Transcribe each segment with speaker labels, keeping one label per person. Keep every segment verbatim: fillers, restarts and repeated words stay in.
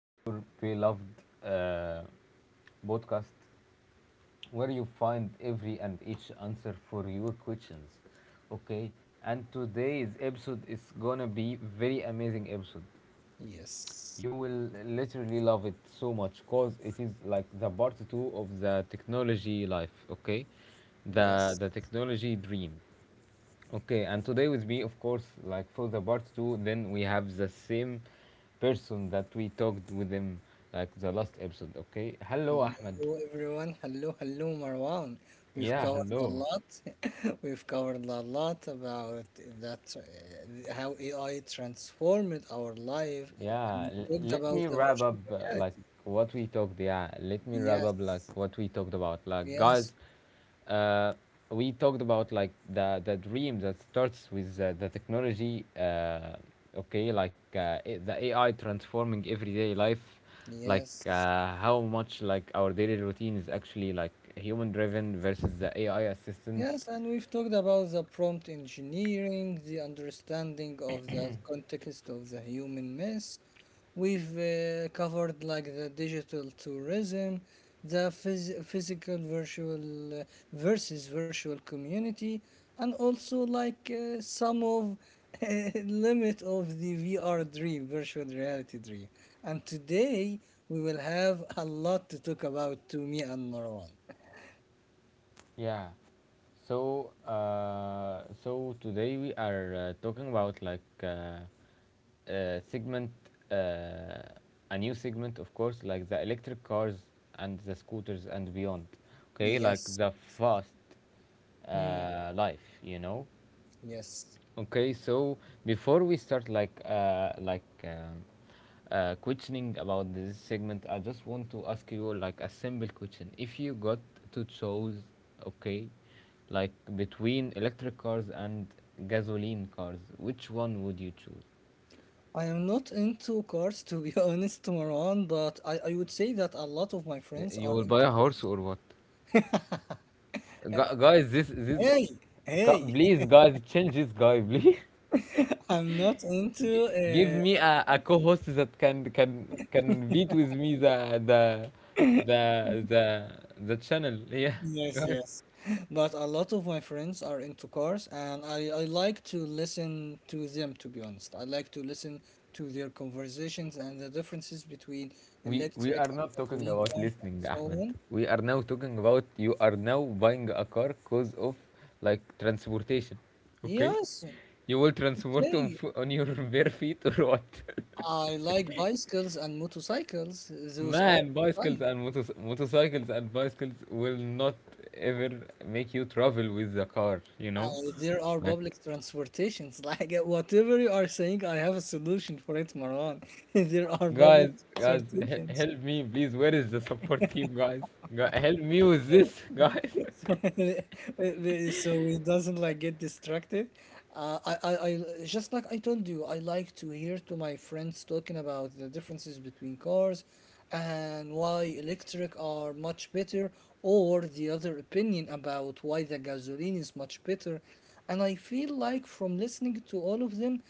Speaker 1: to your beloved uh, podcast where you find every and each answer for your questions. Okay, and today's episode is gonna be very amazing episode.
Speaker 2: Yes,
Speaker 1: You will literally love it so much because it is like the part two of the technology life, okay?
Speaker 2: yes.
Speaker 1: The the technology dream. Okay, and today with me, of course, like for the part two, then we have the same person that we talked with him like the last episode, okay? Hello, Ahmed.
Speaker 2: Hello, everyone. Hello, hello, Marwan. We've
Speaker 1: Yeah,
Speaker 2: covered a
Speaker 1: hello.
Speaker 2: lot. We've covered a lot about that, uh, how A I transformed our life,
Speaker 1: Yeah,
Speaker 2: and
Speaker 1: l-
Speaker 2: we talked
Speaker 1: let
Speaker 2: about
Speaker 1: me
Speaker 2: the
Speaker 1: wrap
Speaker 2: virtual
Speaker 1: up uh, like
Speaker 2: reality.
Speaker 1: what we talked. Yeah, let me wrap up
Speaker 2: Yes,
Speaker 1: like what we talked about. Like,
Speaker 2: yes,
Speaker 1: guys, uh, we talked about like the the dream that starts with uh, the technology. Uh, okay, like uh, A- the A I transforming everyday life. Like,
Speaker 2: yes.
Speaker 1: uh, how much like our daily routine is actually like human driven versus the A I assistant.
Speaker 2: Yes, and we've talked about the prompt engineering, the understanding of the context of the human mess. We've uh, covered like the digital tourism, the phys- physical virtual uh, versus virtual community, and also like uh, some of limit of the V R dream, virtual reality dream. And today we will have a lot to talk about to me and Marwan.
Speaker 1: Yeah. So uh, so today we are uh, talking about, like, Uh, uh, segment, uh, a new segment, of course, like the electric cars and the scooters and beyond. Okay, like
Speaker 2: Yes.
Speaker 1: the fast
Speaker 2: Hmm.
Speaker 1: uh, life, you know.
Speaker 2: Yes.
Speaker 1: Okay, so before we start, like, uh, like um, uh, questioning about this segment, I just want to ask you like a simple question. If you got to choose, okay, like between electric cars and gasoline cars, which one would you choose?
Speaker 2: I am not into cars to be honest, Marwan, but I, I would say that a lot of my friends
Speaker 1: You
Speaker 2: are
Speaker 1: will buy
Speaker 2: into.
Speaker 1: a horse or what? Gu- guys, this this
Speaker 2: Hey,
Speaker 1: gu-
Speaker 2: hey,
Speaker 1: please, guys, change this guy, please.
Speaker 2: I'm not into.
Speaker 1: Give
Speaker 2: Uh,
Speaker 1: me a, a co-host that can can can beat with me the the the the the channel. Yeah.
Speaker 2: yes,
Speaker 1: Guys,
Speaker 2: yes, but a lot of my friends are into cars, and I, I like to listen to them. To be honest, I like to listen to their conversations and the differences between
Speaker 1: we we
Speaker 2: electric
Speaker 1: are
Speaker 2: and
Speaker 1: not talking
Speaker 2: gasoline
Speaker 1: about
Speaker 2: cars and
Speaker 1: listening,
Speaker 2: so
Speaker 1: Ahmed.
Speaker 2: on.
Speaker 1: We are now talking about you are now buying a car cause of like transportation. Okay?
Speaker 2: Yes,
Speaker 1: You will transport on
Speaker 2: okay.
Speaker 1: fo- on your bare feet or what?
Speaker 2: I like bicycles and motorcycles. Those are
Speaker 1: Man,
Speaker 2: my
Speaker 1: bicycles
Speaker 2: type.
Speaker 1: and motos motorcycles and bicycles will not ever make you travel with the car, you
Speaker 2: Uh,
Speaker 1: know?
Speaker 2: there are
Speaker 1: Like,
Speaker 2: public transportations. Like whatever you are saying, I have a solution for it, Marwan. There are public
Speaker 1: guys, guys, he
Speaker 2: transportations.
Speaker 1: help me, please. Where is the support team, guys? Gu Help me with this, guys.
Speaker 2: So, so we doesn't like get distracted. Uh, I, I, I just like I told you, I like to hear to my friends talking about the differences between cars and why electric are much better, or the other opinion about why the gasoline is much better. And I feel like from listening to all of them,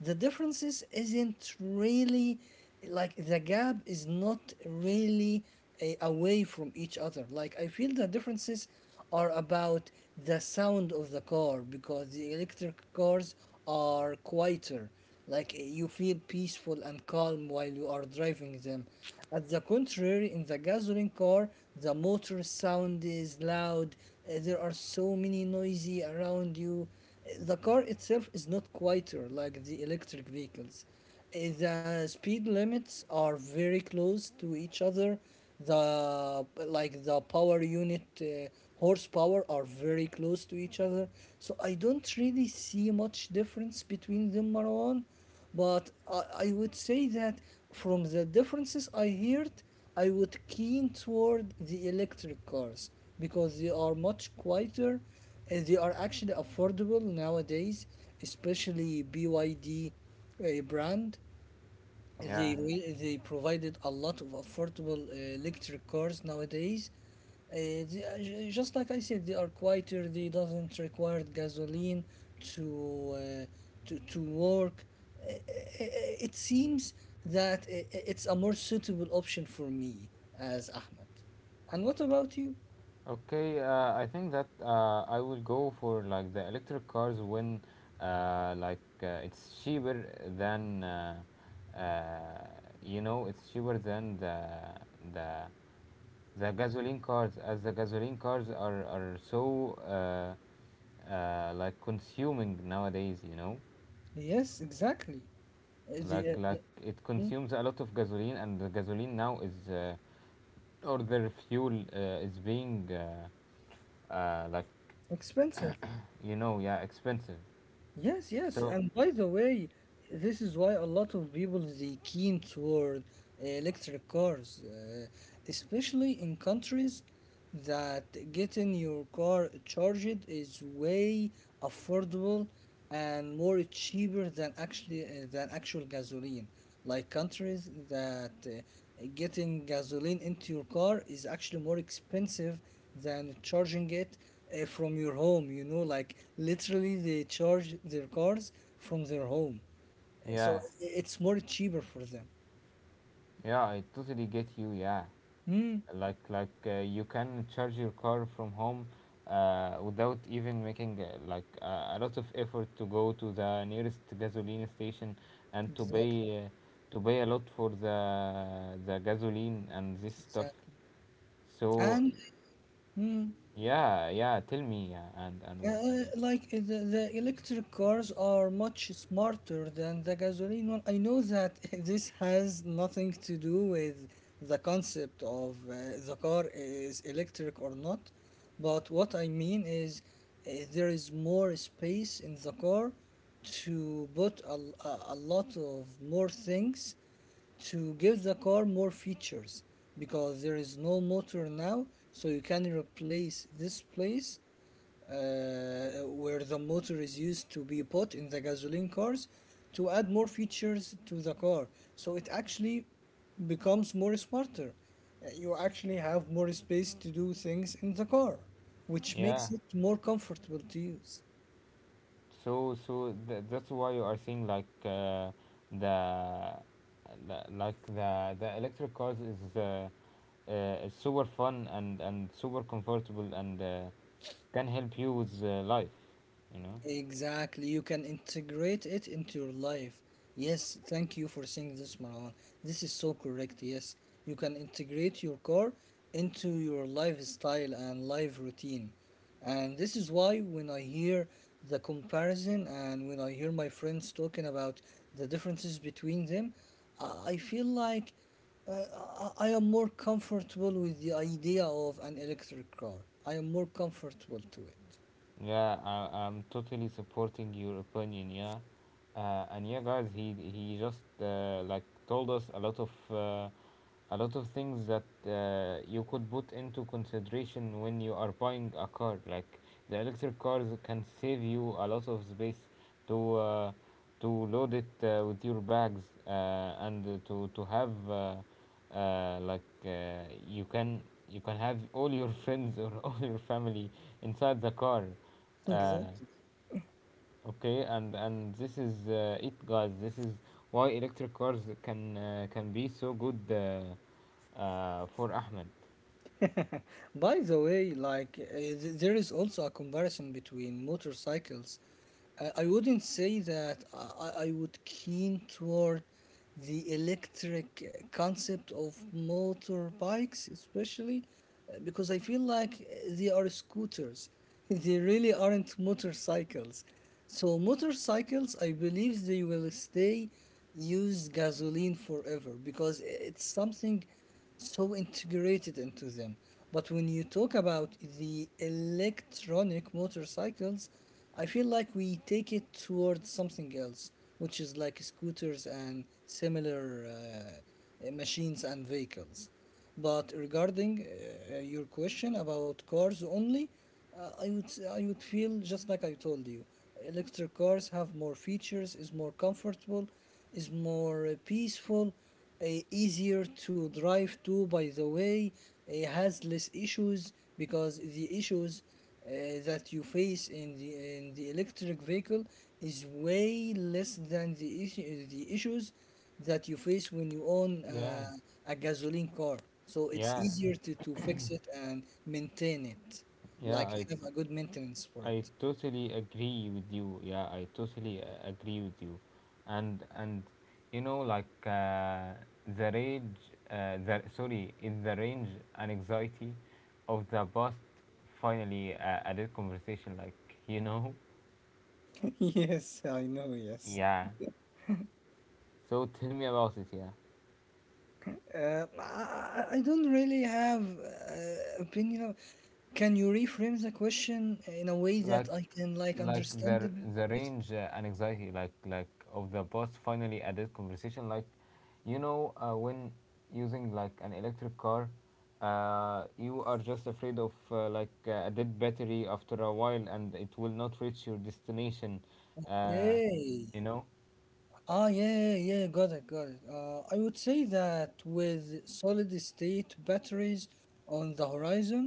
Speaker 2: the differences isn't really like the gap is not really a, away from each other. Like I feel the differences are about the sound of the car because the electric cars are quieter. Like you feel peaceful and calm while you are driving them, at the contrary, in the gasoline car, the motor sound is loud, uh, there are so many noisy around you. Uh, The car itself is not quieter like the electric vehicles. Uh, The speed limits are very close to each other. The Like the power unit uh, horsepower are very close to each other. So I don't really see much difference between them, Marwan. But I, I would say that from the differences I heard, I would keen toward the electric cars because they are much quieter and they are actually affordable nowadays, especially B Y D uh, brand. they
Speaker 1: Yeah.
Speaker 2: re- they provided a lot of affordable uh, electric cars nowadays. Uh, they, are ju- just like I said, they are quieter. They doesn't require gasoline to uh, to to work. Uh, uh, uh, It seems that i- i- it's a more suitable option for me as Ahmed. And what about you?
Speaker 1: Okay. Uh, I think that uh, I will go for, like, the electric cars when uh, like uh, it's cheaper than uh, uh, you know it's cheaper than the the the gasoline cars, as the gasoline cars are are so uh, uh, like consuming nowadays. you know
Speaker 2: Yes, exactly. Uh, The, uh,
Speaker 1: like
Speaker 2: the-
Speaker 1: like it
Speaker 2: Hmm?
Speaker 1: consumes a lot of gasoline, and the gasoline now is uh, or their fuel uh, is being uh, uh, like,
Speaker 2: Expensive.
Speaker 1: you know yeah, expensive.
Speaker 2: Yes, yes.
Speaker 1: So,
Speaker 2: And by the way, this is why a lot of people they keen toward uh, electric cars, uh, especially in countries that getting your car charged is way affordable and more cheaper than actually uh, than actual gasoline. Like countries that uh, getting gasoline into your car is actually more expensive than charging it uh, from your home. You know, like literally they charge their cars from their home. Uh, so
Speaker 1: yeah,
Speaker 2: it's more cheaper for them.
Speaker 1: yeah, I totally get you. Yeah.
Speaker 2: Mm,
Speaker 1: Like, like uh, you can charge your car from home, uh, without even making, uh, like uh, a lot of effort to go to the nearest gasoline station, and to
Speaker 2: exactly,
Speaker 1: pay, uh, to pay a lot for the the gasoline and this stuff.
Speaker 2: exactly.
Speaker 1: So,
Speaker 2: And mm,
Speaker 1: yeah, yeah, tell me, uh, and and what.
Speaker 2: Uh, like uh, the, the electric cars are much smarter than the gasoline one. I know that this has nothing to do with the concept of uh, the car is electric or not, but what I mean is uh, there is more space in the car to put a a a lot of more things to give the car more features, because there is no motor now, so you can replace this place uh, where the motor is used to be put in the gasoline cars to add more features to the car. So it actually becomes more smarter. Uh, You actually have more space to do things in the car, which
Speaker 1: Yeah.
Speaker 2: makes it more comfortable to use.
Speaker 1: So so th- that's why you are seeing, like, uh, the the- like the the electric cars is, uh, Uh, it's super fun and and super comfortable, and uh, can help you with uh, life. You know.
Speaker 2: Exactly, you can integrate it into your life. Yes, thank you for saying this, Marwan. This is so correct. Yes, you can integrate your car into your lifestyle and life routine. And this is why when I hear the comparison and when I hear my friends talking about the differences between them, I I feel like uh, I I am more comfortable with the idea of an electric car. I am more comfortable to it.
Speaker 1: Yeah, I, I'm totally supporting your opinion. Yeah, uh, and yeah, guys, he he just uh, like told us a lot of uh, a lot of things that uh, you could put into consideration when you are buying a car. Like the electric cars can save you a lot of space to, uh, to load it, uh, with your bags, uh, and uh, to to have. Uh, uh, like uh, you can you can have all your friends or all your family inside the car. uh,
Speaker 2: Exactly.
Speaker 1: okay, and and this is uh, it, guys. This is why electric cars can, uh, can be so good, uh, uh, for Ahmed.
Speaker 2: By the way, like uh, th- there is also a comparison between motorcycles. Uh, I wouldn't say that I, I I would keen toward the electric uh, concept of motorbikes, especially uh, because I feel like uh, they are scooters. They really aren't motorcycles. So motorcycles, I believe they will stay use gasoline forever because uh, it's something so integrated into them. But when you talk about the electronic motorcycles, I feel like we take it towards something else, which is like scooters and similar uh, machines and vehicles. But regarding uh, your question about cars only, uh, I would I would feel just like I told you, electric cars have more features, is more comfortable, is more uh, peaceful, uh, easier to drive to. By the way, it has less issues because the issues uh, that you face in the in the electric vehicle is way less than the issue, the issues that you face when you own
Speaker 1: Yeah.
Speaker 2: uh, a gasoline car. So it's
Speaker 1: Yeah,
Speaker 2: easier to, to fix it and maintain it,
Speaker 1: yeah,
Speaker 2: like
Speaker 1: I
Speaker 2: have a good maintenance for
Speaker 1: I
Speaker 2: it.
Speaker 1: totally agree with you. Yeah, I totally uh, agree with you, and and you know like uh, the rage, uh, the, sorry, is the range and anxiety of the past, finally uh, added conversation. Like, you know,
Speaker 2: Yes, I know, yes.
Speaker 1: yeah. So tell me about it. Yeah.
Speaker 2: Uh, I, I I don't really have uh, opinion. Of, can you reframe the question in a way that
Speaker 1: like
Speaker 2: I can like
Speaker 1: like
Speaker 2: understand
Speaker 1: the
Speaker 2: it better?
Speaker 1: the range, uh, and anxiety, like like of the boss finally added conversation, like you know uh, when using, like, an electric car, uh, you are just afraid of, uh, like uh, a dead battery after a while, and it will not reach your destination, uh,
Speaker 2: Okay,
Speaker 1: you know
Speaker 2: ah, yeah, yeah, got it, got it. Uh, I would say that with solid state batteries on the horizon,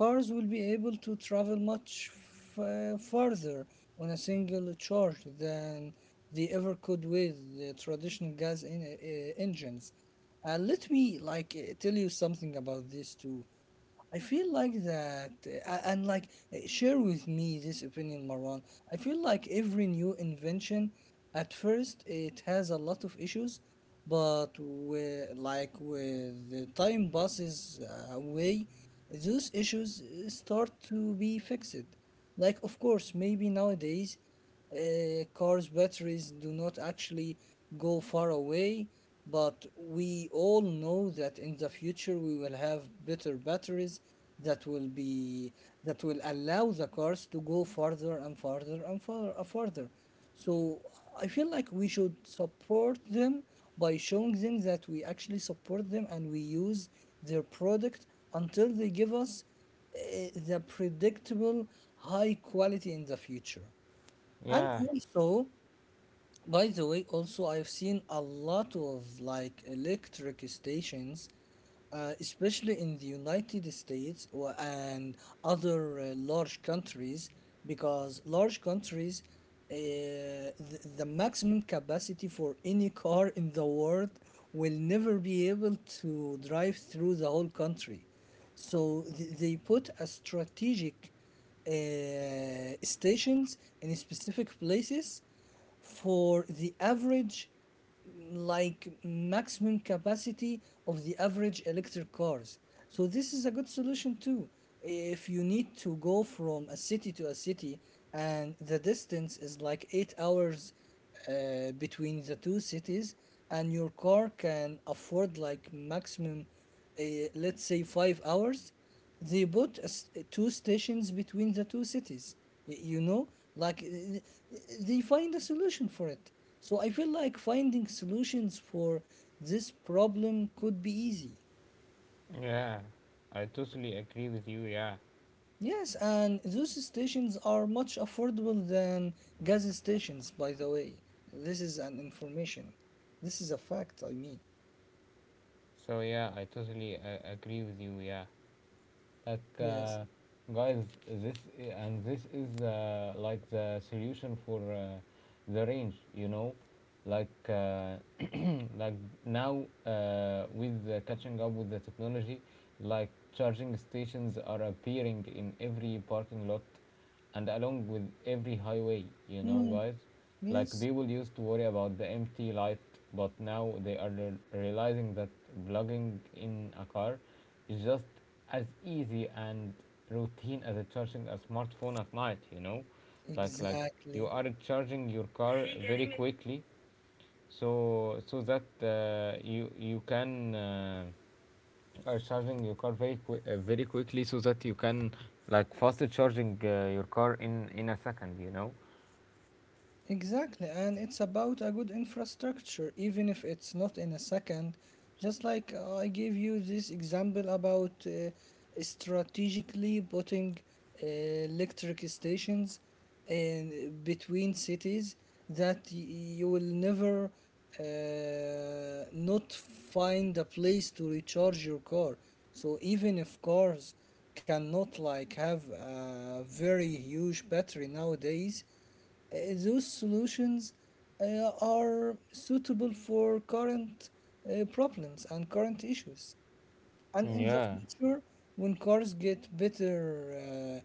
Speaker 2: cars will be able to travel much f- uh, farther on a single charge than they ever could with the traditional gas en- uh, engines. And let me like eh, tell you something about this too. I feel like that, uh, a- and like uh, share with me this opinion, Marwan. I feel like every new invention, at first, it has a lot of issues, but with, like with the time passes uh, away, those issues uh, start to be fixed. Like, of course, maybe nowadays uh, cars' batteries do not actually go far away, but we all know that in the future we will have better batteries that will be that will allow the cars to go farther and farther and far, uh, farther. So I feel like we should support them by showing them that we actually support them and we use their product until they give us uh, the predictable high quality in the future. And
Speaker 1: yeah,
Speaker 2: also, by the way, also I've seen a lot of like electric stations, uh, especially in the United States or- and other uh, large countries, because large countries, uh, the, the maximum capacity for any car in the world will never be able to drive through the whole country. So th- they put a strategic uh, stations in specific places for the average like maximum capacity of the average electric cars. So this is a good solution too if you need to go from a city to a city and the distance is like eight hours uh, between the two cities and your car can afford like maximum uh, let's say five hours. They put a s two stations between the two cities. y- You know, like uh, they find a solution for it. So I feel like finding solutions for this problem could be easy.
Speaker 1: yeah, I totally agree with you. Yeah.
Speaker 2: Yes, and those stations are much affordable than gas stations, by the way. This is an information. This is a fact, I mean.
Speaker 1: So, yeah, I totally uh, agree with you. Yeah. Like,
Speaker 2: Yes.
Speaker 1: uh, guys, this i- and this is, uh, like, the solution for uh, the range. You know, like, uh, like, now, uh, with the catching up with the technology, like, charging stations are appearing in every parking lot and along with every highway, you know,
Speaker 2: Mm,
Speaker 1: guys. Like,
Speaker 2: yes,
Speaker 1: people used to worry about the empty light, but now they are re- realizing that plugging in a car is just as easy and routine as charging a smartphone at night, you know. Like like you
Speaker 2: exactly.
Speaker 1: are charging your car very quickly, so so that, uh, you you can, uh, are charging your car very qui- uh, very quickly, so that you can, like, faster charging uh, your car in in a second, you know
Speaker 2: Exactly, and it's about a good infrastructure, even if it's not in a second. Just like uh, I gave you this example about uh, strategically putting uh, electric stations in between cities that y- you will never uh, not find a place to recharge your car. So even if cars cannot like have a very huge battery nowadays, uh, those solutions uh, are suitable for current uh, problems and current issues. And in the
Speaker 1: yeah.
Speaker 2: future, when cars get better uh,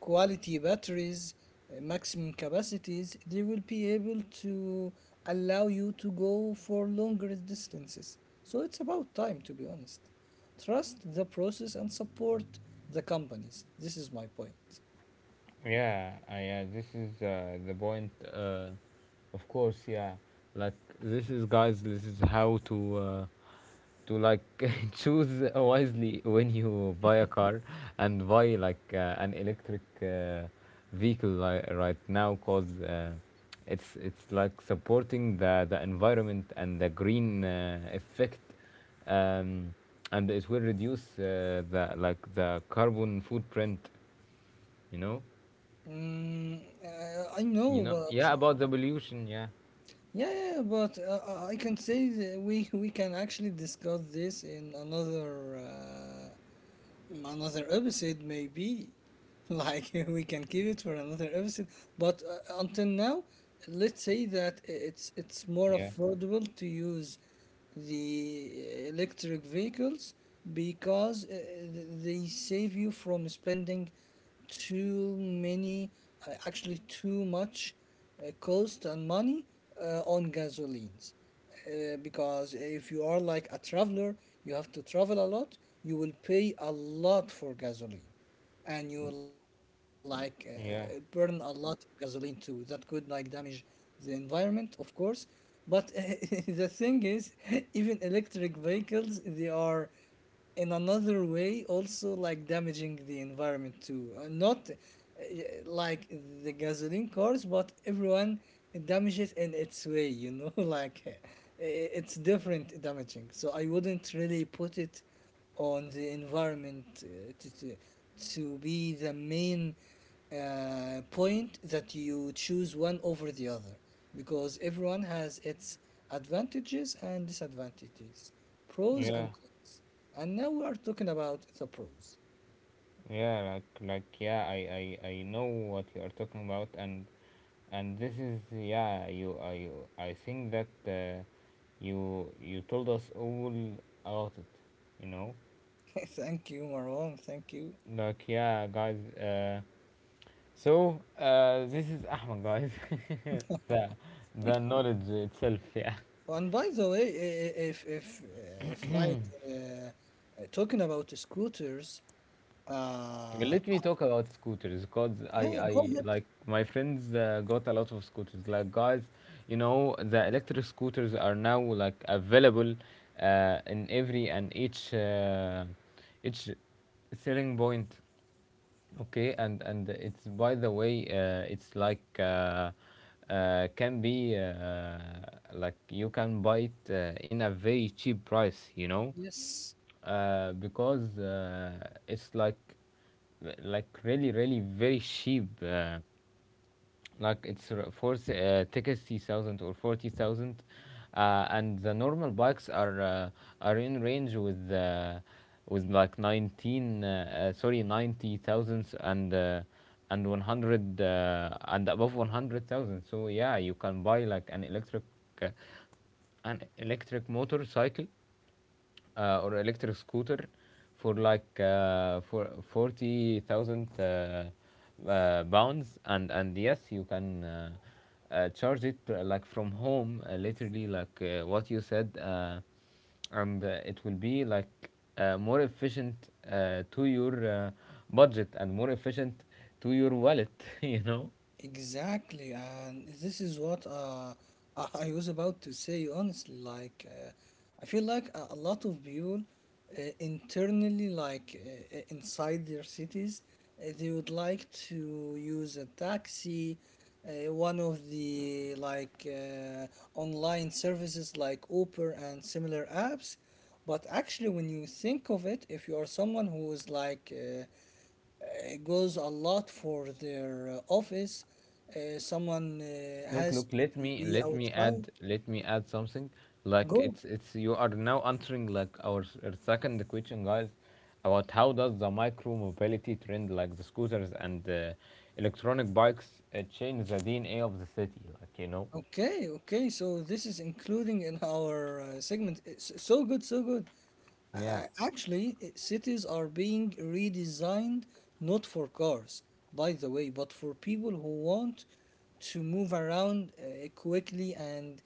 Speaker 2: quality batteries, uh, maximum capacities, they will be able to allow you to go for longer distances. So it's about time, to be honest. Trust the process and support the companies. This is my point.
Speaker 1: Yeah, uh, yeah, this is uh, the point. Uh, of course. Yeah. Like, this is, guys, this is how to, uh, to like, choose wisely when you buy a car and buy, like, uh, an electric, uh, vehicle, li- right now, cause uh, it's it's like supporting the the environment and the green, uh, effect, um, and it will reduce, uh, the like, the carbon footprint, you know.
Speaker 2: Mm, uh, I
Speaker 1: You
Speaker 2: know,
Speaker 1: know,
Speaker 2: but
Speaker 1: yeah,
Speaker 2: uh,
Speaker 1: about the pollution. Yeah,
Speaker 2: Yeah, yeah, yeah, but uh, uh, I can say that we we can actually discuss this in another uh, another episode maybe like we can keep it for another episode but uh, until now let's say that it's it's more
Speaker 1: yeah,
Speaker 2: affordable to use the uh, electric vehicles because uh, they save you from spending too many uh, actually too much uh, cost and money uh, on gasolines uh, because if you are like a traveler, you have to travel a lot. You will pay a lot for gasoline, and you will like uh, burn a
Speaker 1: yeah,
Speaker 2: lot of gasoline too. That could like damage the environment, of course. But the thing is, even electric vehicles, they are in another way also like damaging the environment too. Uh, not uh, like the gasoline cars, but everyone damages in its way, you know like uh, it's different damaging. So I wouldn't really put it on the environment uh, to, to, to be the main uh, point that you choose one over the other, because everyone has its advantages and disadvantages, pros
Speaker 1: yeah,
Speaker 2: and cons. And now we are talking about the pros.
Speaker 1: yeah. Like, like, yeah. I, I, I know what you are talking about, and and this is, yeah. You, I, you, I think that uh, you, you told us all about it. You know,
Speaker 2: Thank you, Marwan. Thank you.
Speaker 1: like, yeah, guys. Uh, so, uh, this is Ahmed, guys. the, the knowledge itself. Yeah.
Speaker 2: And by the way, i- i- if if uh, if like uh, uh, talking about scooters,
Speaker 1: Okay.
Speaker 2: uh,
Speaker 1: Let me talk about scooters because I,
Speaker 2: yeah, go
Speaker 1: I
Speaker 2: ahead.
Speaker 1: like my friends uh, got a lot of scooters. Like, guys, you know the electric scooters are now, like, available, uh, in every and each, uh, each selling point. Okay, and and it's, by the way, uh, it's, like, uh, uh, can be, uh, like, you can buy it, uh, in a very cheap price, you know,
Speaker 2: Yes.
Speaker 1: uh, Because uh, it's, like, like really really very cheap. Uh, like, it's r- for s- uh, sixty thousand or forty thousand, uh, and the normal bikes are uh, are in range with, uh, with, like, nineteen, uh, uh, sorry, ninety thousands, and uh, and one hundred, uh, and above one hundred thousand. So, yeah, you can buy, like, an electric, uh, an electric motorcycle, uh, or electric scooter, for, like, uh, for forty thousand, uh, uh, pounds, and and yes, you can, uh, uh, charge it, uh, like, from home, uh, literally, like, uh, what you said, uh, and uh, it will be, like, uh, more efficient uh, to your uh, budget, and more efficient to your wallet, you know.
Speaker 2: Exactly, and this is what uh, I I was about to say, honestly. Like, uh, I feel like a, a lot of people uh, internally, like uh, uh, inside their cities, uh, they would like to use a taxi, uh, one of the like uh, online services like Uber and similar apps. But actually, when you think of it, if you are someone who is like uh, uh, goes a lot for their uh, office. Uh, someone uh,
Speaker 1: Look,
Speaker 2: has
Speaker 1: look,
Speaker 2: to,
Speaker 1: let
Speaker 2: to
Speaker 1: me
Speaker 2: be
Speaker 1: let me
Speaker 2: outside.
Speaker 1: add let me add something. Like,
Speaker 2: Go.
Speaker 1: it's it's you are now answering, like, our, s- our second question, guys, about how does the micro mobility trend, like the scooters and the electronic bikes, uh, change the D N A of the city? Like, you know,
Speaker 2: Okay, okay. So this is including in our uh, segment. It's so good, so good.
Speaker 1: yeah.
Speaker 2: Uh, actually, uh, cities are being redesigned not for cars, by the way, but for people who want to move around uh, quickly and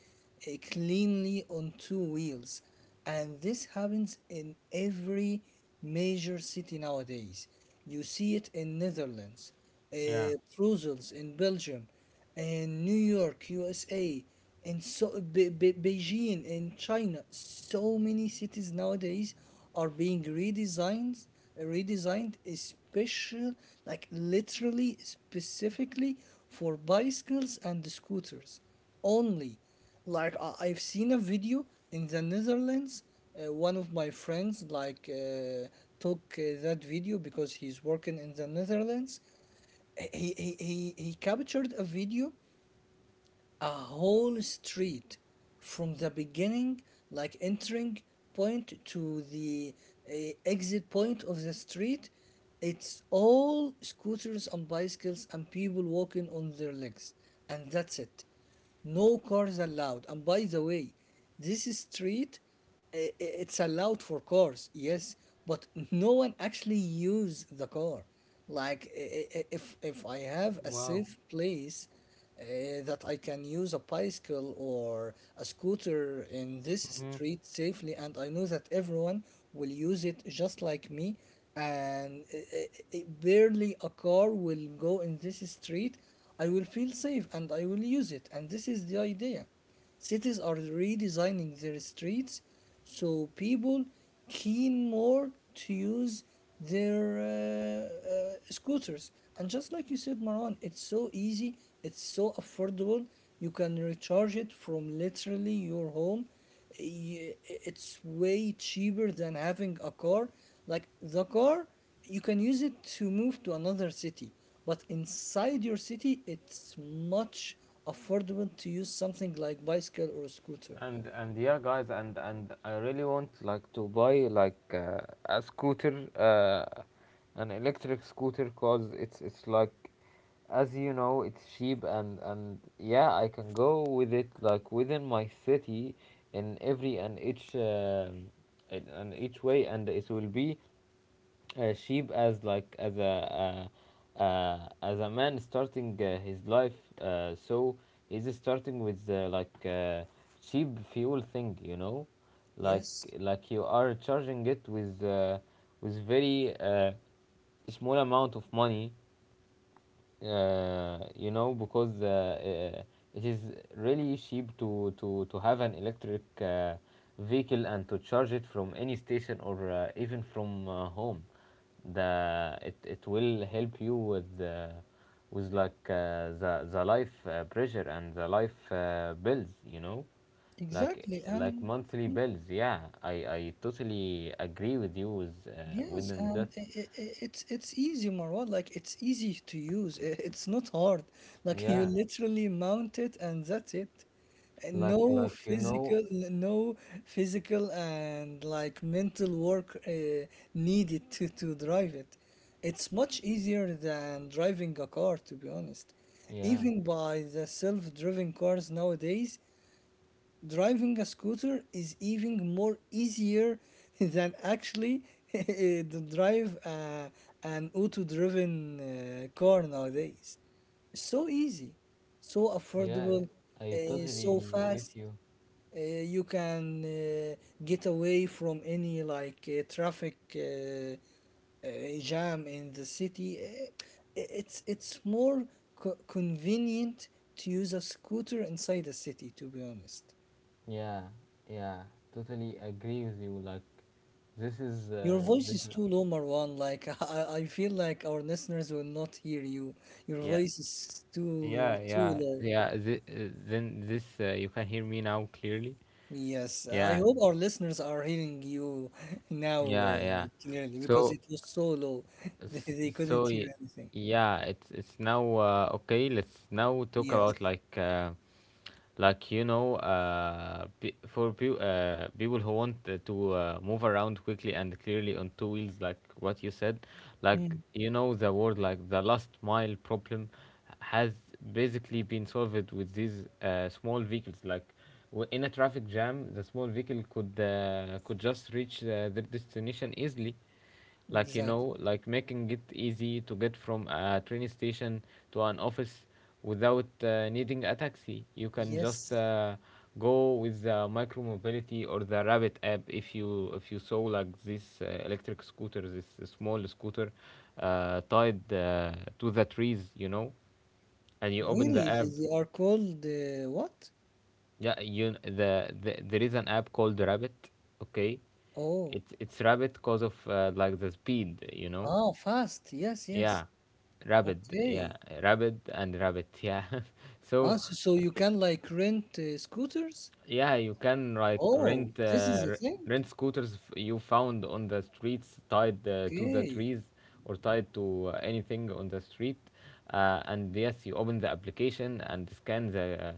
Speaker 2: uh, cleanly on two wheels. And this happens in every major city nowadays. You see it in Netherlands, uh, Brussels in Belgium, and New York, U S A, and so Be- Be- Beijing and China. So many cities nowadays are being redesigned, redesigned, special, like literally specifically for bicycles and scooters only. Like I- I've seen a video in the Netherlands. Uh, one of my friends like uh, took uh, that video because he's working in the Netherlands. He he he he captured a video, a whole street, from the beginning, like entering point to the uh, exit point of the street. It's all scooters and bicycles and people walking on their legs, and that's it. No cars allowed. And by the way, this street, uh, it's allowed for cars, yes, but no one actually use the car. Like i- i- if if I have a safe place uh, that I can use a bicycle or a scooter in this street safely, and I know that everyone will use it just like me, and uh, uh, uh, barely a car will go in this street. I will feel safe and I will use it. And this is the idea. Cities are redesigning their streets so people keen more to use their uh, uh, scooters. And just like you said, Marwan, it's so easy, it's so affordable. You can recharge it from literally your home. Y- It's way cheaper than having a car. Like the car, you can use it to move to another city, but inside your city it's much affordable to use something like bicycle or scooter.
Speaker 1: and and yeah, guys, and and I really want, like, to buy, like, uh, a scooter, uh, an electric scooter, cause it's it's like, as you know, it's cheap, and and yeah, I can go with it, like, within my city, in every and each um in, and each way, and it will be, uh, sheep, as, like, as a, uh, uh, as a man starting, uh, his life, uh, so he's starting with, uh, like, uh, cheap fuel thing, you know. like
Speaker 2: Yes,
Speaker 1: like you are charging it with, uh, with very, uh, small amount of money, uh, you know because uh, uh, it is really cheap to to to have an electric, uh, vehicle, and to charge it from any station, or, uh, even from, uh, home. The it, it will help you with, uh, with, like, uh, the the life, uh, pressure, and the life, uh, bills you know like
Speaker 2: exactly.
Speaker 1: like
Speaker 2: And
Speaker 1: monthly
Speaker 2: mm,
Speaker 1: bills. Yeah, i i totally agree with you, with, uh,
Speaker 2: yes.
Speaker 1: within
Speaker 2: And
Speaker 1: that.
Speaker 2: i i i- it's it's easy, Marwa. Like, it's easy to use. I- it's not hard. Like, you
Speaker 1: Yeah.
Speaker 2: literally mount it and that's it. Eh,
Speaker 1: like
Speaker 2: no
Speaker 1: like you know
Speaker 2: physical, no physical and like mental work uh, needed to to drive it. It's much easier than driving a car, to be honest.
Speaker 1: yeah.
Speaker 2: Even by the self-driving cars nowadays, driving a scooter is even more easier than actually to drive uh, an auto-driven uh, car nowadays. So easy, so
Speaker 1: Yeah,
Speaker 2: affordable,
Speaker 1: I
Speaker 2: uh, so
Speaker 1: totally get
Speaker 2: fast.
Speaker 1: you.
Speaker 2: Uh, you can uh, get away from any like uh, traffic uh, uh, jam in the city. Uh, It's it's more co- convenient to use a scooter inside the city, to be honest.
Speaker 1: Yeah, yeah, totally agree with you. Like, this is,
Speaker 2: Your
Speaker 1: uh,
Speaker 2: voice
Speaker 1: this.
Speaker 2: is
Speaker 1: Is.
Speaker 2: too low, Marwan. Like I, I feel like our listeners will not hear you. Your
Speaker 1: Yeah,
Speaker 2: voice is too
Speaker 1: yeah,
Speaker 2: too
Speaker 1: yeah,
Speaker 2: low.
Speaker 1: yeah. Th- uh, then this, uh, you can hear me now clearly.
Speaker 2: Yes, I
Speaker 1: Yeah,
Speaker 2: hope our listeners are hearing you now
Speaker 1: yeah, yeah.
Speaker 2: uh, clearly because
Speaker 1: So.
Speaker 2: it was so low. They,
Speaker 1: S-
Speaker 2: they
Speaker 1: So
Speaker 2: couldn't hear
Speaker 1: y-
Speaker 2: anything.
Speaker 1: yeah, it's it's now, uh, okay. Let's now talk
Speaker 2: Yes.
Speaker 1: about like uh, like you know uh, pe- for pe- uh, people who want uh, to uh, move around quickly and clearly on two wheels, like what you said, like
Speaker 2: Mm,
Speaker 1: you know the word like the last mile problem has basically been solved with these uh, small vehicles like w- in a traffic jam the small vehicle could uh, could just reach uh, their destination easily. Like you
Speaker 2: exactly.
Speaker 1: know like making it easy to get from a train station to an office without uh, needing a taxi. You can just
Speaker 2: Yes,
Speaker 1: uh, go with the micro mobility or the Rabbit app. If you if you saw like this uh, electric scooter, this small scooter uh, tied uh, to the trees, you know, and you open the
Speaker 2: really, they,
Speaker 1: app.
Speaker 2: they are called uh, what?
Speaker 1: Yeah, you, the, the there is an app called Rabbit, okay.
Speaker 2: Oh,
Speaker 1: It's it's Rabbit because of uh, like the speed, you know.
Speaker 2: ah, fast. Yes, yes.
Speaker 1: Yeah, rabbit. Yeah,
Speaker 2: Okay.
Speaker 1: rabbit and rabbit. Yeah,
Speaker 2: Ah,
Speaker 1: so
Speaker 2: so, so you can like rent uh, scooters?
Speaker 1: yeah, you can like rent
Speaker 2: Oh, this is
Speaker 1: uh,
Speaker 2: a
Speaker 1: r-
Speaker 2: thing.
Speaker 1: rent scooters f- you found on the streets, tied uh, to the
Speaker 2: Okay.
Speaker 1: trees or tied to uh, anything on the street, uh, and yes, you open the application and scan the uh,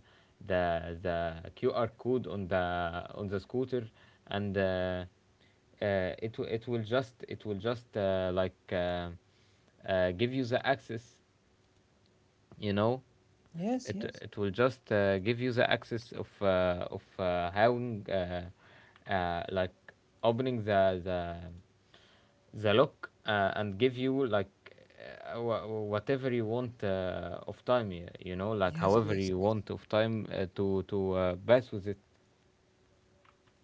Speaker 1: the the Q R code on the on the scooter and. Uh, uh, it w- it will just it will just uh, like uh, uh, give you the access, you know.
Speaker 2: Yes,
Speaker 1: it
Speaker 2: yes.
Speaker 1: it will just uh, give you the access of uh, of uh, having uh, uh, like opening the the the lock uh, and give you like uh, wha- whatever you want uh, of time, y- you know like
Speaker 2: Yes,
Speaker 1: however
Speaker 2: yes.
Speaker 1: you want of time uh, to to uh, pass with it,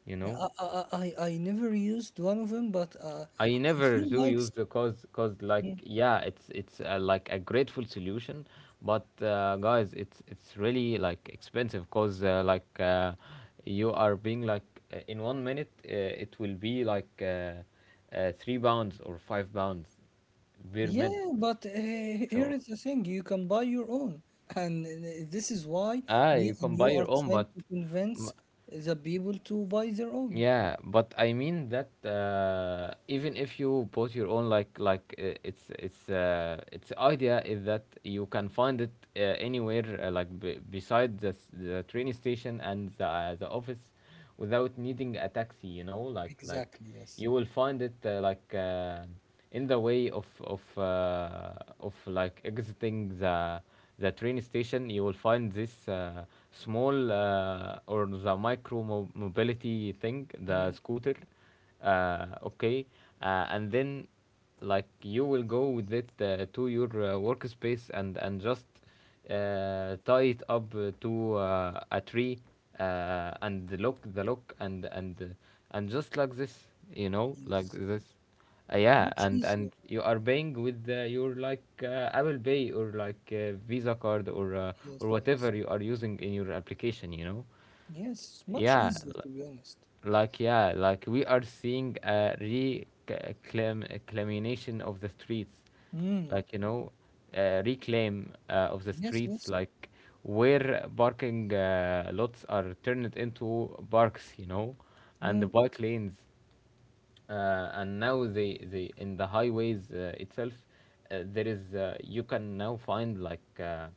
Speaker 1: you
Speaker 2: Yeah,
Speaker 1: know.
Speaker 2: I, I, I I- I never used one of them, but uh,
Speaker 1: I
Speaker 2: I
Speaker 1: never
Speaker 2: feel
Speaker 1: do
Speaker 2: like, s-
Speaker 1: use the 'cause 'cause like
Speaker 2: mm.
Speaker 1: yeah, it's it's uh, like a grateful solution, but uh, guys, it's it's really like expensive 'cause uh, like uh, you are being like uh, in one minute uh, it will be like uh, uh, three pounds or five pounds per minute.
Speaker 2: Yeah, but uh, here
Speaker 1: So
Speaker 2: is the thing, you can buy your own. And uh, this is why
Speaker 1: ah,
Speaker 2: me
Speaker 1: you
Speaker 2: and
Speaker 1: can buy
Speaker 2: you are
Speaker 1: your own,
Speaker 2: trying
Speaker 1: but
Speaker 2: to convince the people to buy their own.
Speaker 1: yeah, but I mean that uh, even if you bought your own, like like uh, it's it's uh, its idea is that you can find it uh, anywhere, uh, like b- beside the s- the train station and the uh, the office, without needing a taxi. You know, like like
Speaker 2: Exactly, yes.
Speaker 1: you will find it uh, like uh, in the way of of uh, of like exiting the the train station. You will find this uh, small uh, or the micro mo- mobility thing, the
Speaker 2: Mm,
Speaker 1: scooter uh, okay, uh, and then like you will go with it uh, to your uh, workspace and and just uh, tie it up uh, to uh, a tree, uh, and lock the lock and and uh, and just like this, you know, like
Speaker 2: yes.
Speaker 1: this. Uh, yeah,
Speaker 2: Much
Speaker 1: and
Speaker 2: easier.
Speaker 1: and you are paying with uh, your like uh, Apple Pay or like uh, Visa card or uh,
Speaker 2: Yes,
Speaker 1: or
Speaker 2: yes.
Speaker 1: whatever you are using in your application, you know.
Speaker 2: Yes, much
Speaker 1: yeah
Speaker 2: easier,
Speaker 1: l-
Speaker 2: to be honest.
Speaker 1: like yeah, like we are seeing a reclamation of the streets,
Speaker 2: Mm,
Speaker 1: like you know, uh, reclaim uh, of the
Speaker 2: yes,
Speaker 1: streets,
Speaker 2: yes.
Speaker 1: like where parking uh, lots are turned into parks, you know, and
Speaker 2: Mm,
Speaker 1: the bike lanes uh, and now the the in the highways uh, itself uh, there is uh, you can now find like uh,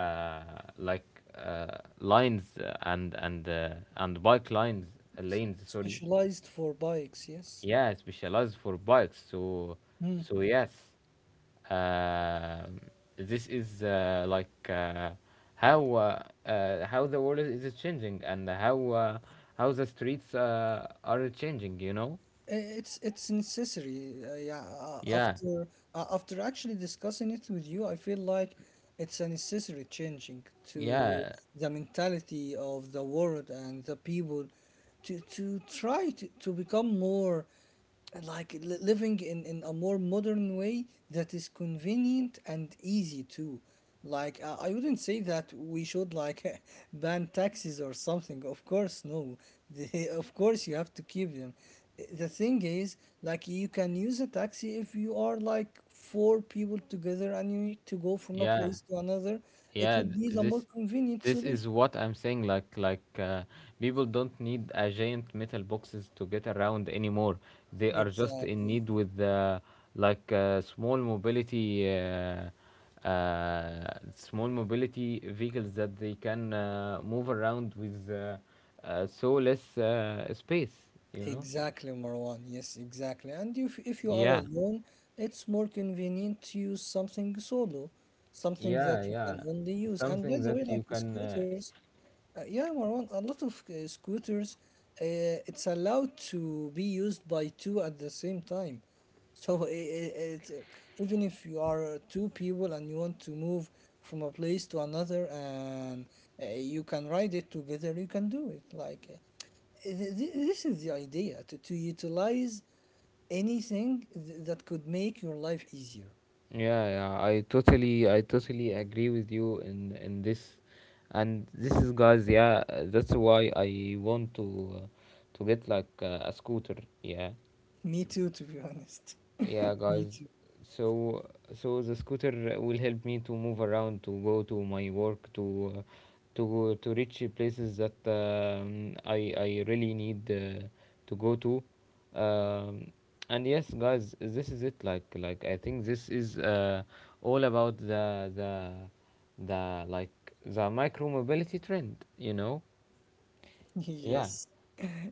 Speaker 1: uh, like uh, lines uh, and and uh, and bike lines uh,
Speaker 2: yes.
Speaker 1: lanes, sorry.
Speaker 2: Specialized for bikes, yes.
Speaker 1: Yeah, specialized for bikes. So
Speaker 2: Mm.
Speaker 1: so yes, uh, this is uh, like uh, how uh, uh, how the world is changing and how uh, how the streets uh, are changing, you know.
Speaker 2: It's it's necessary. Uh, yeah, uh,
Speaker 1: Yeah,
Speaker 2: after uh, after actually discussing it with you, I feel like it's a necessary changing to
Speaker 1: yeah,
Speaker 2: the mentality of the world and the people to to try to, to become more uh, like li- living in, in a more modern way that is convenient and easy too. like uh, I wouldn't say that we should like ban taxis or something, of course no. the, of course you have to keep them. Uh, the thing is, like, you can use a taxi if you are like four people together and you need to go from a
Speaker 1: yeah,
Speaker 2: place to another. It
Speaker 1: yeah
Speaker 2: would
Speaker 1: th-
Speaker 2: be the more
Speaker 1: this
Speaker 2: convenient
Speaker 1: this is
Speaker 2: solution.
Speaker 1: what I'm saying, like like uh, people don't need a giant metal boxes to get around anymore. They are just in
Speaker 2: Exactly.
Speaker 1: need with uh, like uh, small mobility uh, uh, small mobility vehicles that they can uh, move around with, uh, uh, so less uh, space, you know.
Speaker 2: Exactly, Marwan. Yes, exactly. And if if you are
Speaker 1: Yeah,
Speaker 2: alone, it's more convenient to use something solo, something
Speaker 1: yeah,
Speaker 2: that you
Speaker 1: yeah,
Speaker 2: can only use. And by
Speaker 1: something
Speaker 2: the
Speaker 1: that
Speaker 2: way,
Speaker 1: you
Speaker 2: like
Speaker 1: can uh,
Speaker 2: scooters, uh, yeah, Marwan, a lot of uh, scooters, uh, it's allowed to be used by two at the same time. So i i it, even if you are uh, two people and you want to move from a place to another and uh, you can ride it together, you can do it. Like, uh, th- th- this is the idea to, to utilize anything th- that could make your life easier.
Speaker 1: yeah, yeah, I totally, I totally agree with you in in this, and this is, guys, yeah, uh, that's why I want to uh, to get like uh, a scooter, yeah,
Speaker 2: Me too, to be honest.
Speaker 1: yeah,
Speaker 2: Me
Speaker 1: guys.
Speaker 2: too.
Speaker 1: So so the scooter will help me to move around, to go to my work, to uh, to to reach places that um, I I really need uh, to go to. Um, and yes, guys, this is it. Like like I think this is uh, all about the the the like the micro mobility trend. You know, yeah.
Speaker 2: Yes.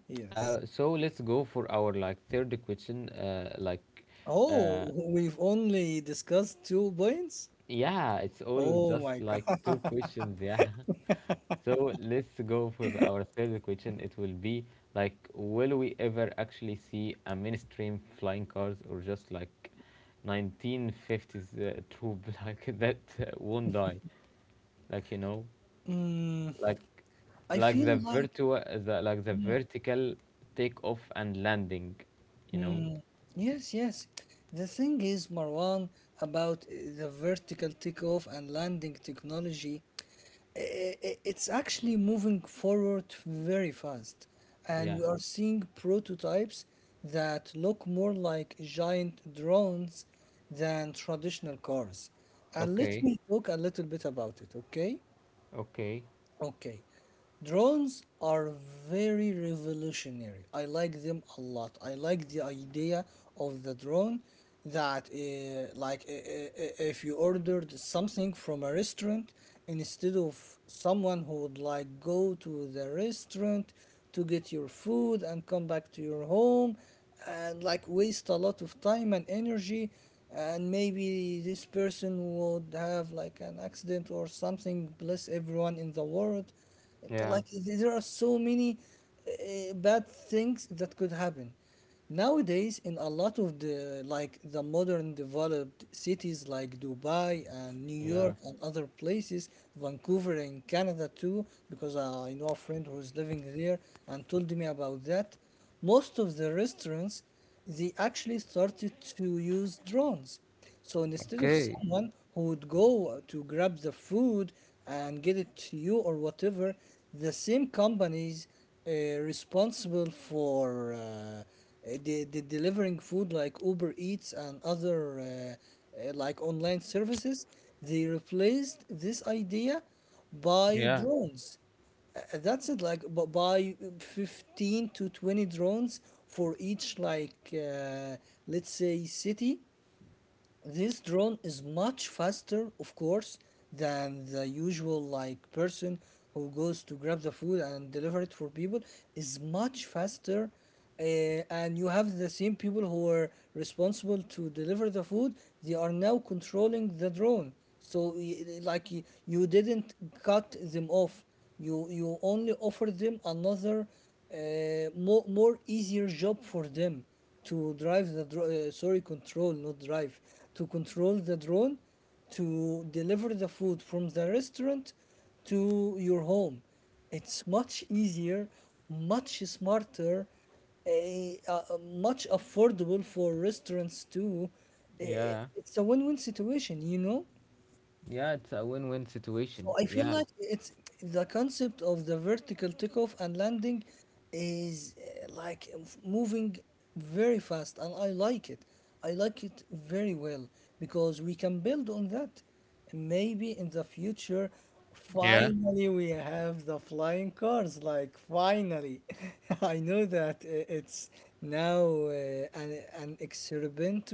Speaker 2: Yes.
Speaker 1: Uh, so let's go for our like third question. Uh, like.
Speaker 2: Oh,
Speaker 1: Uh,
Speaker 2: we've only discussed two points?
Speaker 1: Yeah, it's all
Speaker 2: Oh
Speaker 1: just
Speaker 2: my
Speaker 1: like two
Speaker 2: God.
Speaker 1: questions. Yeah. So let's go with our third question. It will be like, will we ever actually see a mainstream flying cars or just like nineteen fifties uh, troop like that uh, won't die? Like, you know,
Speaker 2: Hmm,
Speaker 1: like
Speaker 2: I
Speaker 1: like
Speaker 2: feel
Speaker 1: the
Speaker 2: like.
Speaker 1: virtua the like the vertical takeoff and landing, you know?
Speaker 2: Hmm, yes, yes. The thing is, Marwan, about uh, the vertical takeoff and landing technology, i- i- it's actually moving forward very fast. And
Speaker 1: Yeah.
Speaker 2: we are seeing prototypes that look more like giant drones than traditional cars. And let
Speaker 1: Okay.
Speaker 2: me talk a little bit about it, okay?
Speaker 1: Okay.
Speaker 2: Okay. Drones are very revolutionary. I like them a lot. I like the idea of the drone that uh, like uh, uh, uh, if you ordered something from a restaurant instead of someone who would like go to the restaurant to get your food and come back to your home and like waste a lot of time and energy, and maybe this person would have like an accident or something, bless everyone in the world.
Speaker 1: Yeah.
Speaker 2: Like, there are so many uh, bad things that could happen. Nowadays, in a lot of the like the modern developed cities like Dubai and New
Speaker 1: Yeah.
Speaker 2: York and other places, Vancouver in Canada too, because uh, I know a friend who's living there and told me about that. Most of the restaurants, they actually started to use drones. So instead of
Speaker 1: Okay.
Speaker 2: someone who would go to grab the food and get it to you or whatever, the same companies uh, responsible for uh, the, the delivering food like Uber Eats and other uh, uh, like online services, they replaced this idea by
Speaker 1: Yeah.
Speaker 2: drones. Uh, That's it, like bu- buy fifteen to twenty drones for each, like, uh, let's say, city. This drone is much faster, of course, than the usual like person who goes to grab the food and deliver it for people is much faster. Eh, and you have the same people who are responsible to deliver the food, they are now controlling the drone. So y- like y- you didn't cut them off. You you only offer them another uh, more more easier job for them to drive the dro- uh, sorry, control, not drive, to control the drone to deliver the food from the restaurant to your home. It's much easier, much smarter, a, uh, uh, much affordable for restaurants too. Uh,
Speaker 1: Yeah.
Speaker 2: it's a win-win situation, you know.
Speaker 1: Yeah, it's a win-win
Speaker 2: So
Speaker 1: situation.
Speaker 2: I feel
Speaker 1: Yeah.
Speaker 2: like it's the concept of the vertical takeoff and landing is uh, like f- moving very fast, and I like it. I like it very well because we can build on that. Maybe in the future,
Speaker 1: Yeah,
Speaker 2: finally we have the flying cars. Like finally, I know that uh, it's now uh, an an experiment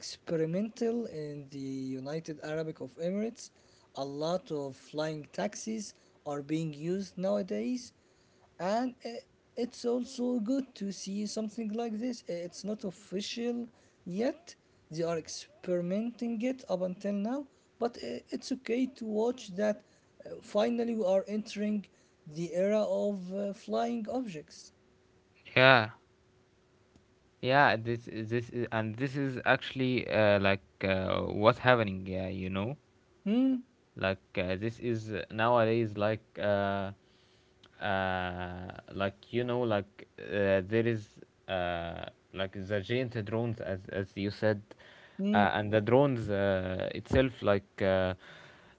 Speaker 2: experimental in the United Arab of Emirates. A lot of flying taxis are being used nowadays, and i- it's also good to see something like this. Eh, It's not official yet. They are experimenting it up until now, but i- it's okay to watch that uh, finally we are entering the era of uh, flying objects.
Speaker 1: yeah, yeah, this is this is, and this is actually uh, like uh, what's happening. Yeah, you know,
Speaker 2: Hmm,
Speaker 1: like uh, this is uh, nowadays like uh, uh, like you know, like uh, there is uh, like the giant drones, as as you said,
Speaker 2: hmm,
Speaker 1: uh, and the drones uh, itself, like uh,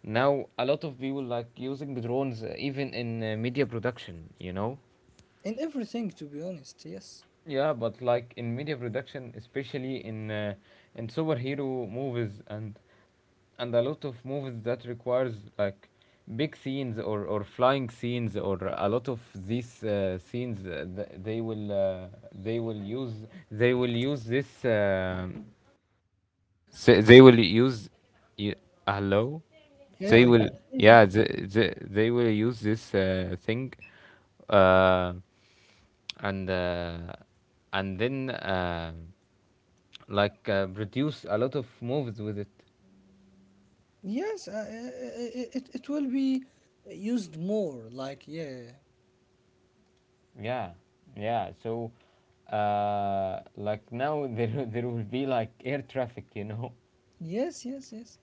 Speaker 1: now a lot of people like using drones uh, even in uh, media production. You know.
Speaker 2: in everything, to be honest, yes.
Speaker 1: Yeah, but like in media production, especially in uh, in superhero movies and and a lot of movies that requires like big scenes or or flying scenes or a lot of these uh, scenes uh, th- they will uh, they will use they will use this uh, s- they will use y- hello,
Speaker 2: Yeah,
Speaker 1: they
Speaker 2: I
Speaker 1: will,
Speaker 2: can hear you.
Speaker 1: yeah, they, they, they will use this uh, thing, uh, and uh, and then um like uh, produce a lot of movies with it.
Speaker 2: Yes, uh, uh, it, it will be used more. Like, yeah.
Speaker 1: Yeah, yeah. So, uh, like now there there will be like air traffic, you know.
Speaker 2: Yes, yes, yes.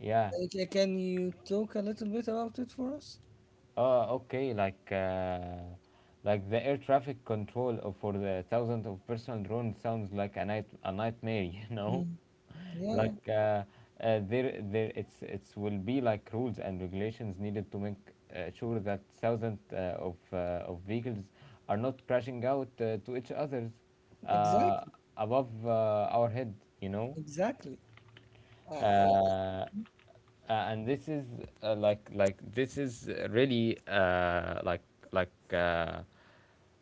Speaker 1: Yeah,
Speaker 2: Uh, ca- Can you talk a little bit about it for us?
Speaker 1: oh, okay, like uh, like the air traffic control of- for the thousands of personal drones sounds like a night a nightmare, you know?
Speaker 2: Mm. Yeah,
Speaker 1: Like uh, uh, there there, it's it's will be like rules and regulations needed to make uh, sure that thousands uh, of uh, of vehicles are not crashing out uh, to each others uh,
Speaker 2: exactly.
Speaker 1: above uh, our head, you know?
Speaker 2: Exactly.
Speaker 1: Uh,
Speaker 2: Uh,
Speaker 1: uh, and this is uh, like like this is really uh, like like uh,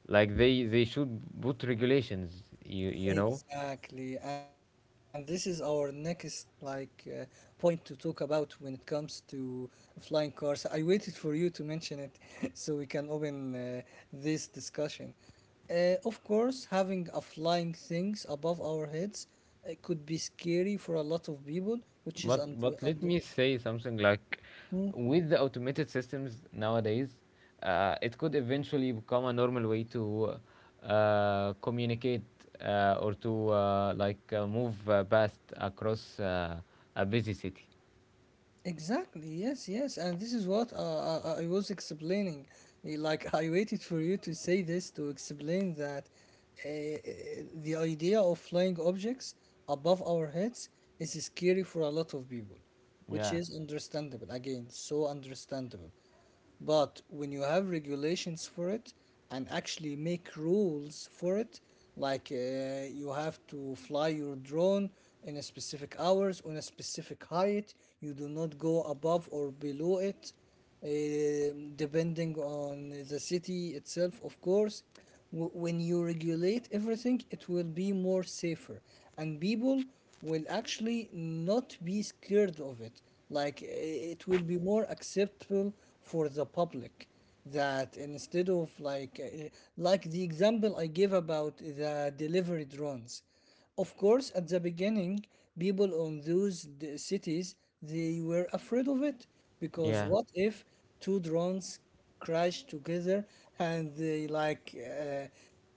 Speaker 1: like they they should put regulations, you you know.
Speaker 2: exactly. And this is our next like uh, point to talk about when it comes to flying cars. I waited for you to mention it so we can open uh, this discussion. Uh, of course, having a flying things above our heads uh, could be scary for a lot of people, which is
Speaker 1: but
Speaker 2: under
Speaker 1: but let
Speaker 2: under.
Speaker 1: me say something like
Speaker 2: Hmm.
Speaker 1: with the automated systems nowadays uh, it could eventually become a normal way to uh, communicate uh, or to uh, like uh, move uh, past across uh, a busy city.
Speaker 2: Exactly. Yes. Yes. And this is what uh, uh, uh, I was explaining. Eh, Like I waited for you to say this to explain that uh, the idea of flying objects above our heads is scary for a lot of people, which
Speaker 1: Yeah,
Speaker 2: is understandable. Again, so understandable. But when you have regulations for it and actually make rules for it, like uh, you have to fly your drone in a specific hours on a specific height, you do not go above or below it, um, depending on the city itself, of course. W- when you regulate everything, it will be more safer, and people will actually not be scared of it. Like eh, it will be more acceptable for the public, that instead of like uh, like the example I gave about the delivery drones, of course at the beginning people on those d- cities, they were afraid of it because
Speaker 1: yeah,
Speaker 2: what if two drones crash together and they like uh,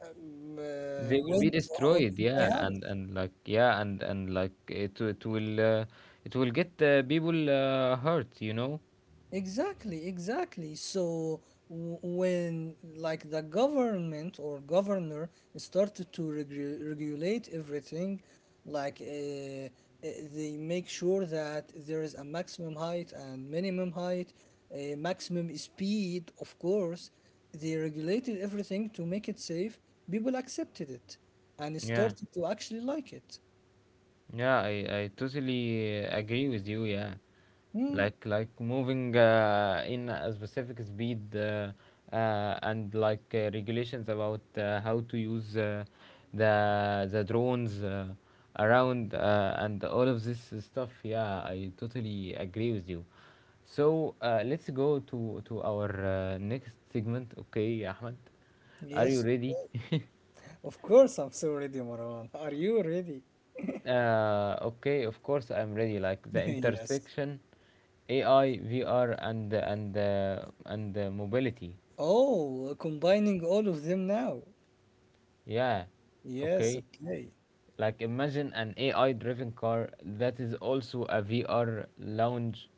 Speaker 2: um, uh,
Speaker 1: they will be
Speaker 2: went on
Speaker 1: destroyed,
Speaker 2: my
Speaker 1: yeah,
Speaker 2: house.
Speaker 1: and and like, yeah, and and like it it will uh, it will get uh, people uh, hurt, you know.
Speaker 2: Exactly, exactly. So w- when like the government or governor started to regu- regulate everything, like uh, uh, they make sure that there is a maximum height and minimum height, a maximum speed, of course, they regulated everything to make it safe. People accepted it and
Speaker 1: Yeah,
Speaker 2: started to actually like it.
Speaker 1: yeah, i i totally uh, agree with you, yeah,
Speaker 2: Hmm.
Speaker 1: like like moving uh, in a specific speed, uh, uh, and like uh, regulations about uh, how to use uh, the the drones uh, around, uh, and all of this stuff. Yeah, I totally agree with you. So uh, let's go to to our uh, next segment, okay, Ahmed? Are you
Speaker 2: Yes.
Speaker 1: ready?
Speaker 2: Of course, I'm so ready, Marwan. Are you ready?
Speaker 1: Uh, okay, of course I'm ready. Like the
Speaker 2: Yes.
Speaker 1: intersection, A I, V R, and and uh, and uh, mobility.
Speaker 2: Oh, combining all of them now.
Speaker 1: Yeah,
Speaker 2: Yes,
Speaker 1: okay.
Speaker 2: okay.
Speaker 1: Like imagine an A I-driven car that is also a V R lounge.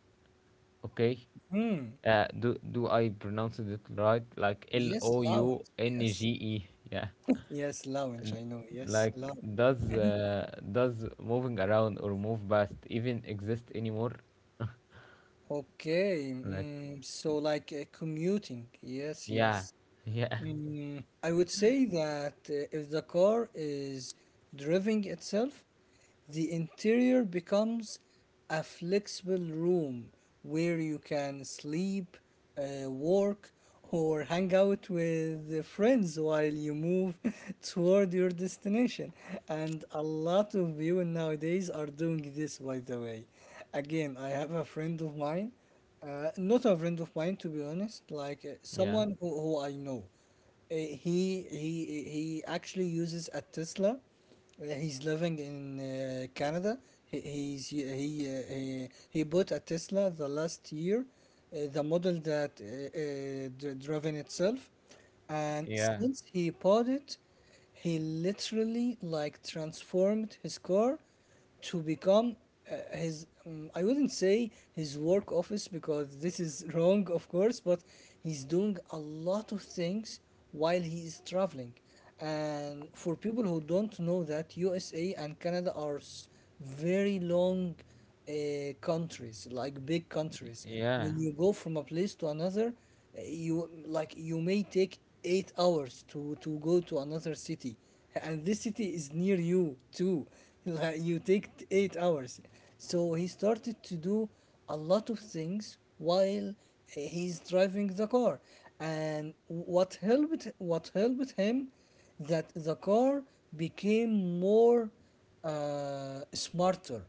Speaker 1: Okay.
Speaker 2: Hmm.
Speaker 1: Uh, do do I pronounce it right? Like L
Speaker 2: Yes,
Speaker 1: O
Speaker 2: lounge.
Speaker 1: U N
Speaker 2: Yes.
Speaker 1: G E. Yeah.
Speaker 2: Yes, lounge. I know. Yes,
Speaker 1: Like
Speaker 2: lounge.
Speaker 1: does uh, does moving around or move past even exist anymore?
Speaker 2: Okay.
Speaker 1: Like
Speaker 2: Mm, so, like uh, commuting. Yes,
Speaker 1: yeah.
Speaker 2: yes.
Speaker 1: Yeah.
Speaker 2: Mm, I would say that uh, if the car is driving itself, the interior becomes a flexible room where you can sleep, uh, work, or hang out with friends while you move toward your destination. And a lot of you nowadays are doing this, by the way. Again, I have a friend of mine, uh, not a friend of mine, to be honest, like uh,
Speaker 1: Yeah.
Speaker 2: someone who, who I know. Uh, he he he actually uses a Tesla. Uh, he's living in uh, Canada. He he's, he uh, he uh, he bought a Tesla the last year, uh, the model that uh, uh, dri- driven itself, and
Speaker 1: Yeah.
Speaker 2: since he bought it, he literally like transformed his car to become uh, his um, I wouldn't say his work office, because this is wrong, of course, but he's doing a lot of things while he is traveling. And for people who don't know that U S A and Canada are s- very long uh, countries, like big countries,
Speaker 1: Yeah.
Speaker 2: when you go from a place to another, you like you may take eight hours to to go to another city, and this city is near you too like you take t- eight hours. So he started to do a lot of things while uh, he's driving the car. And what helped what helped him, that the car became more uh, smarter,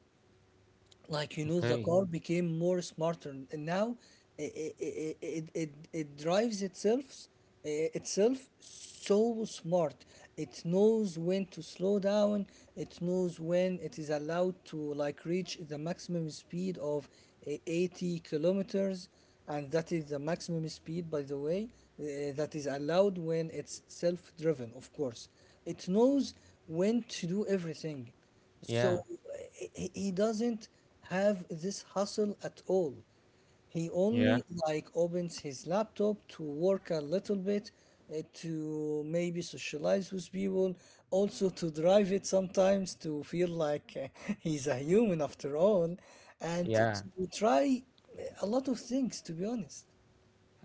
Speaker 2: like you know the
Speaker 1: Okay.
Speaker 2: car became more smarter, and now it it, it, it, it drives itself, eh, itself so smart. It knows when to slow down, it knows when it is allowed to like reach the maximum speed of eh, eighty kilometers, and that is the maximum speed, by the way, eh, that is allowed when it's self-driven, of course. It knows when to do everything. So
Speaker 1: Yeah.
Speaker 2: uh, he he doesn't have this hustle at all. He
Speaker 1: Yeah.
Speaker 2: only like opens his laptop to work a little bit, uh, to maybe socialize with people, also to drive it sometimes to feel like uh, he's a human after all, and to
Speaker 1: Yeah.
Speaker 2: to try uh, a lot of things, to be honest.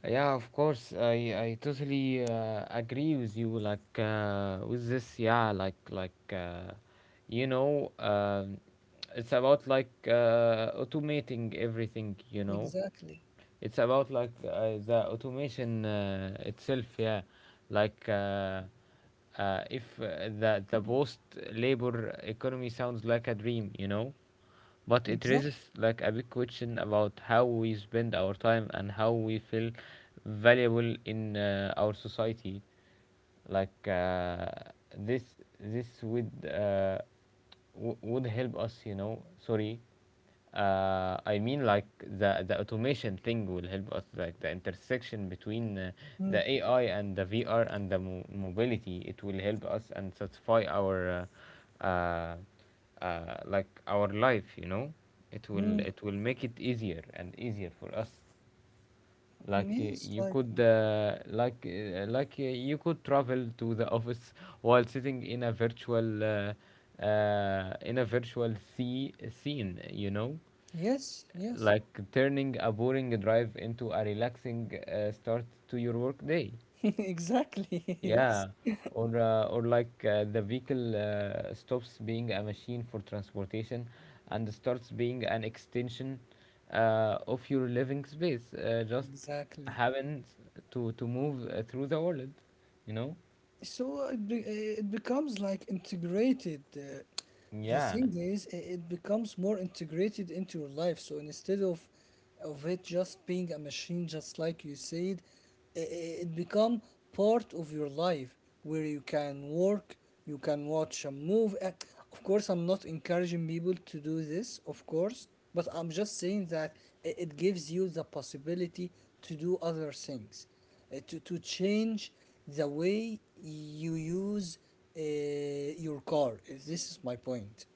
Speaker 1: Yeah, of course. I I totally uh, agree with you, like uh, with this. Yeah, like like uh, you know, um it's about like uh, automating everything, you know.
Speaker 2: Exactly.
Speaker 1: It's about like uh, the automation uh, itself. Yeah, like uh, uh, if uh, the the post labor economy sounds like a dream, you know, but it
Speaker 2: Exactly.
Speaker 1: raises like a big question about how we spend our time and how we feel valuable in uh, our society. like uh, this this would uh, w- would help us, you know. Sorry, uh, I mean like the the automation thing will help us. Like the intersection between uh, the
Speaker 2: Mm,
Speaker 1: A I and the V R and the mo- mobility, it will help us and satisfy our uh, uh, uh, like our life, you know. It will
Speaker 2: mm,
Speaker 1: it will make it easier and easier for us, like uh,
Speaker 2: yes,
Speaker 1: you
Speaker 2: like,
Speaker 1: could uh, like uh, like uh, you could travel to the office while sitting in a virtual uh, uh, in a virtual sea scene, you know,
Speaker 2: yes, yes.
Speaker 1: like turning a boring drive into a relaxing uh, start to your work day.
Speaker 2: Exactly. Yes,
Speaker 1: Yeah, or uh, or like uh, the vehicle uh, stops being a machine for transportation and starts being an extension uh, of your living space. Uh, just
Speaker 2: exactly.
Speaker 1: happens to to move uh, through the world, you know.
Speaker 2: So it, be, it becomes like integrated. Uh, the
Speaker 1: Yeah,
Speaker 2: thing is, i- it becomes more integrated into your life, so instead of of it just being a machine, just like you said, i- i- it become part of your life, where you can work, you can watch a movie. Uh, of course I'm not encouraging people to do this, of course, but I'm just saying that i- it gives you the possibility to do other things, uh, to, to change the way you use uh, your car. Uh, This is my point.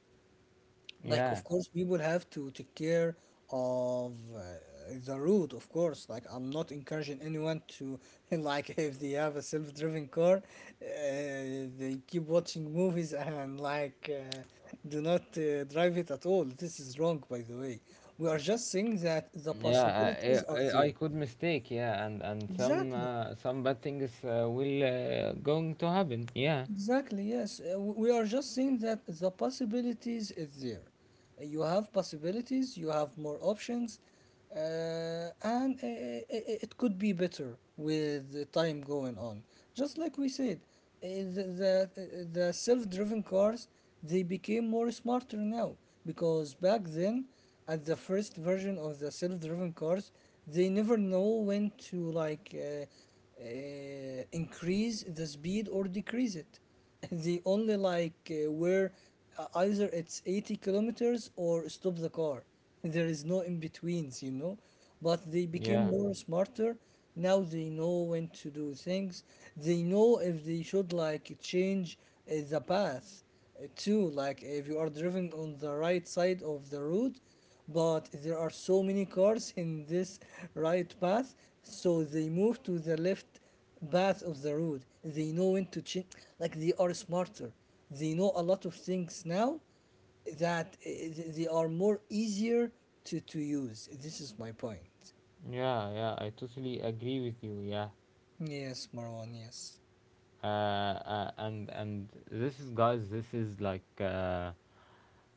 Speaker 2: Like, of
Speaker 1: yeah,
Speaker 2: course, people have to take care of uh, the route, of course. Like, I'm not encouraging anyone to, like, if they have a self driving car, uh, they keep watching movies and, like, uh, do not uh, drive it at all. This is wrong, by the way. We are just saying that the
Speaker 1: yeah. Uh,
Speaker 2: possibilities are
Speaker 1: I, I
Speaker 2: there.
Speaker 1: I could mistake. Yeah, and and some
Speaker 2: Exactly.
Speaker 1: uh, some bad things uh, will uh, going to happen. Yeah,
Speaker 2: Exactly, yes. Uh, w- we are just seeing that the possibilities is there. Uh, You have possibilities, you have more options, uh, and uh, it, it could be better with the time going on. Just like we said, uh, the, the, uh, the self-driven cars, they became more smarter now, because back then, at the first version of the self-driven cars, they never know when to like uh, uh, increase the speed or decrease it. They only like uh, where uh, either it's eighty kilometers or stop the car. There is no in betweens, you know. But they became
Speaker 1: yeah,
Speaker 2: more smarter now, they know when to do things, they know if they should like change uh, the path uh, too. Like if you are driving on the right side of the road but there are so many cars in this right path, so they move to the left path of the road. They know when to change, like they are smarter. They know a lot of things now, that uh, th- they are more easier to, to use. This is my point.
Speaker 1: yeah, yeah. I totally agree with you. Yeah.
Speaker 2: Yes, Marwan, yes.
Speaker 1: uh, uh, and and this is, guys, this is like, uh,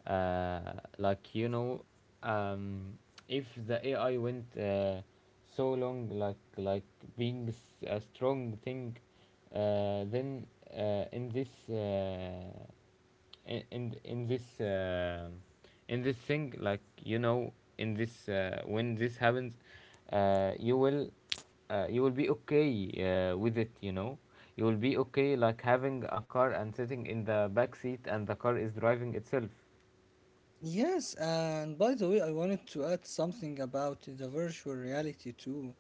Speaker 1: uh, like you know um, if the A I went uh, so long, like like being s- a strong thing, uh, then, uh, in this, uh, in in, in this uh, in this thing, like you know in this, uh, when this happens, uh, you will uh, you will be okay uh, with it you know You will be okay, like having a car and sitting in the back seat and the car is driving itself.
Speaker 2: Yes, and by the way, I wanted to add something about the virtual reality too,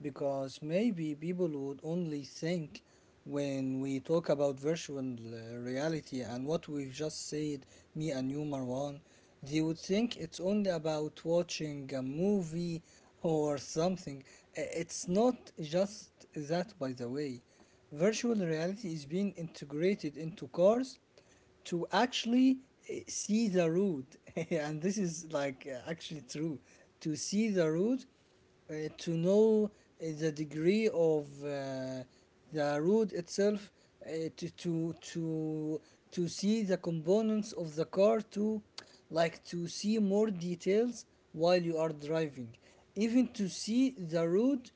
Speaker 2: because maybe people would only think when we talk about virtual uh, reality and what we've just said, me and you, Marwan, they would think it's only about watching a movie or something. I- It's not just that, by the way. Virtual reality is being integrated into cars to actually uh, see the root, and this is like uh, actually true, to see the root, uh, to know uh, the degree of uh, the root itself, uh, to, to to to see the components of the car, to like to see more details while you are driving, even to see the road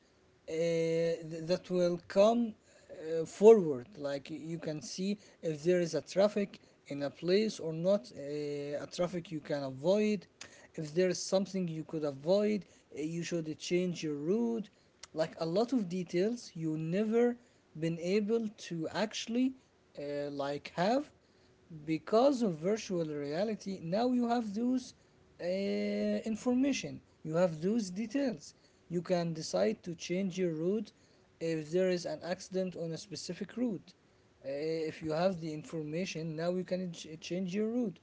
Speaker 2: uh, th- that will come uh, forward. Like y- you can see if there is a traffic in a place or not, uh, a traffic you can avoid, if there is something you could avoid, uh, you should change your route. Like a lot of details you never been able to actually uh, like have, because of virtual reality now you have those uh, information, you have those details, you can decide to change your route if there is an accident on a specific route. Uh, if you have the information, now you can ch- change your route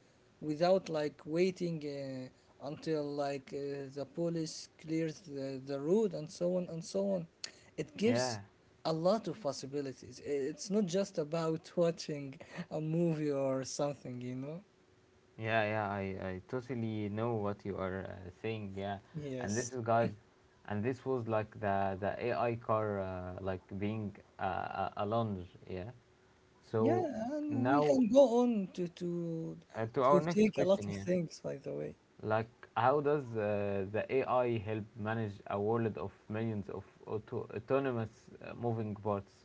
Speaker 2: without like waiting uh, until like uh, the police clears the, the road, and so on and so on. It gives
Speaker 1: Yeah,
Speaker 2: a lot of possibilities. I- It's not just about watching a movie or something, you know?
Speaker 1: yeah, yeah, i, I totally know what you are uh, saying, yeah. And this
Speaker 2: Yes.
Speaker 1: is, guys, and this was like the the A I car, uh, like being, uh, a, a lounge, yeah.
Speaker 2: Yeah,
Speaker 1: So
Speaker 2: and we
Speaker 1: now,
Speaker 2: can go on to to
Speaker 1: Uh, to our
Speaker 2: to
Speaker 1: next
Speaker 2: take a lot
Speaker 1: question,
Speaker 2: of
Speaker 1: here.
Speaker 2: things, by the way.
Speaker 1: Like, how does uh, the A I help manage a world of millions of auto- autonomous uh, moving parts?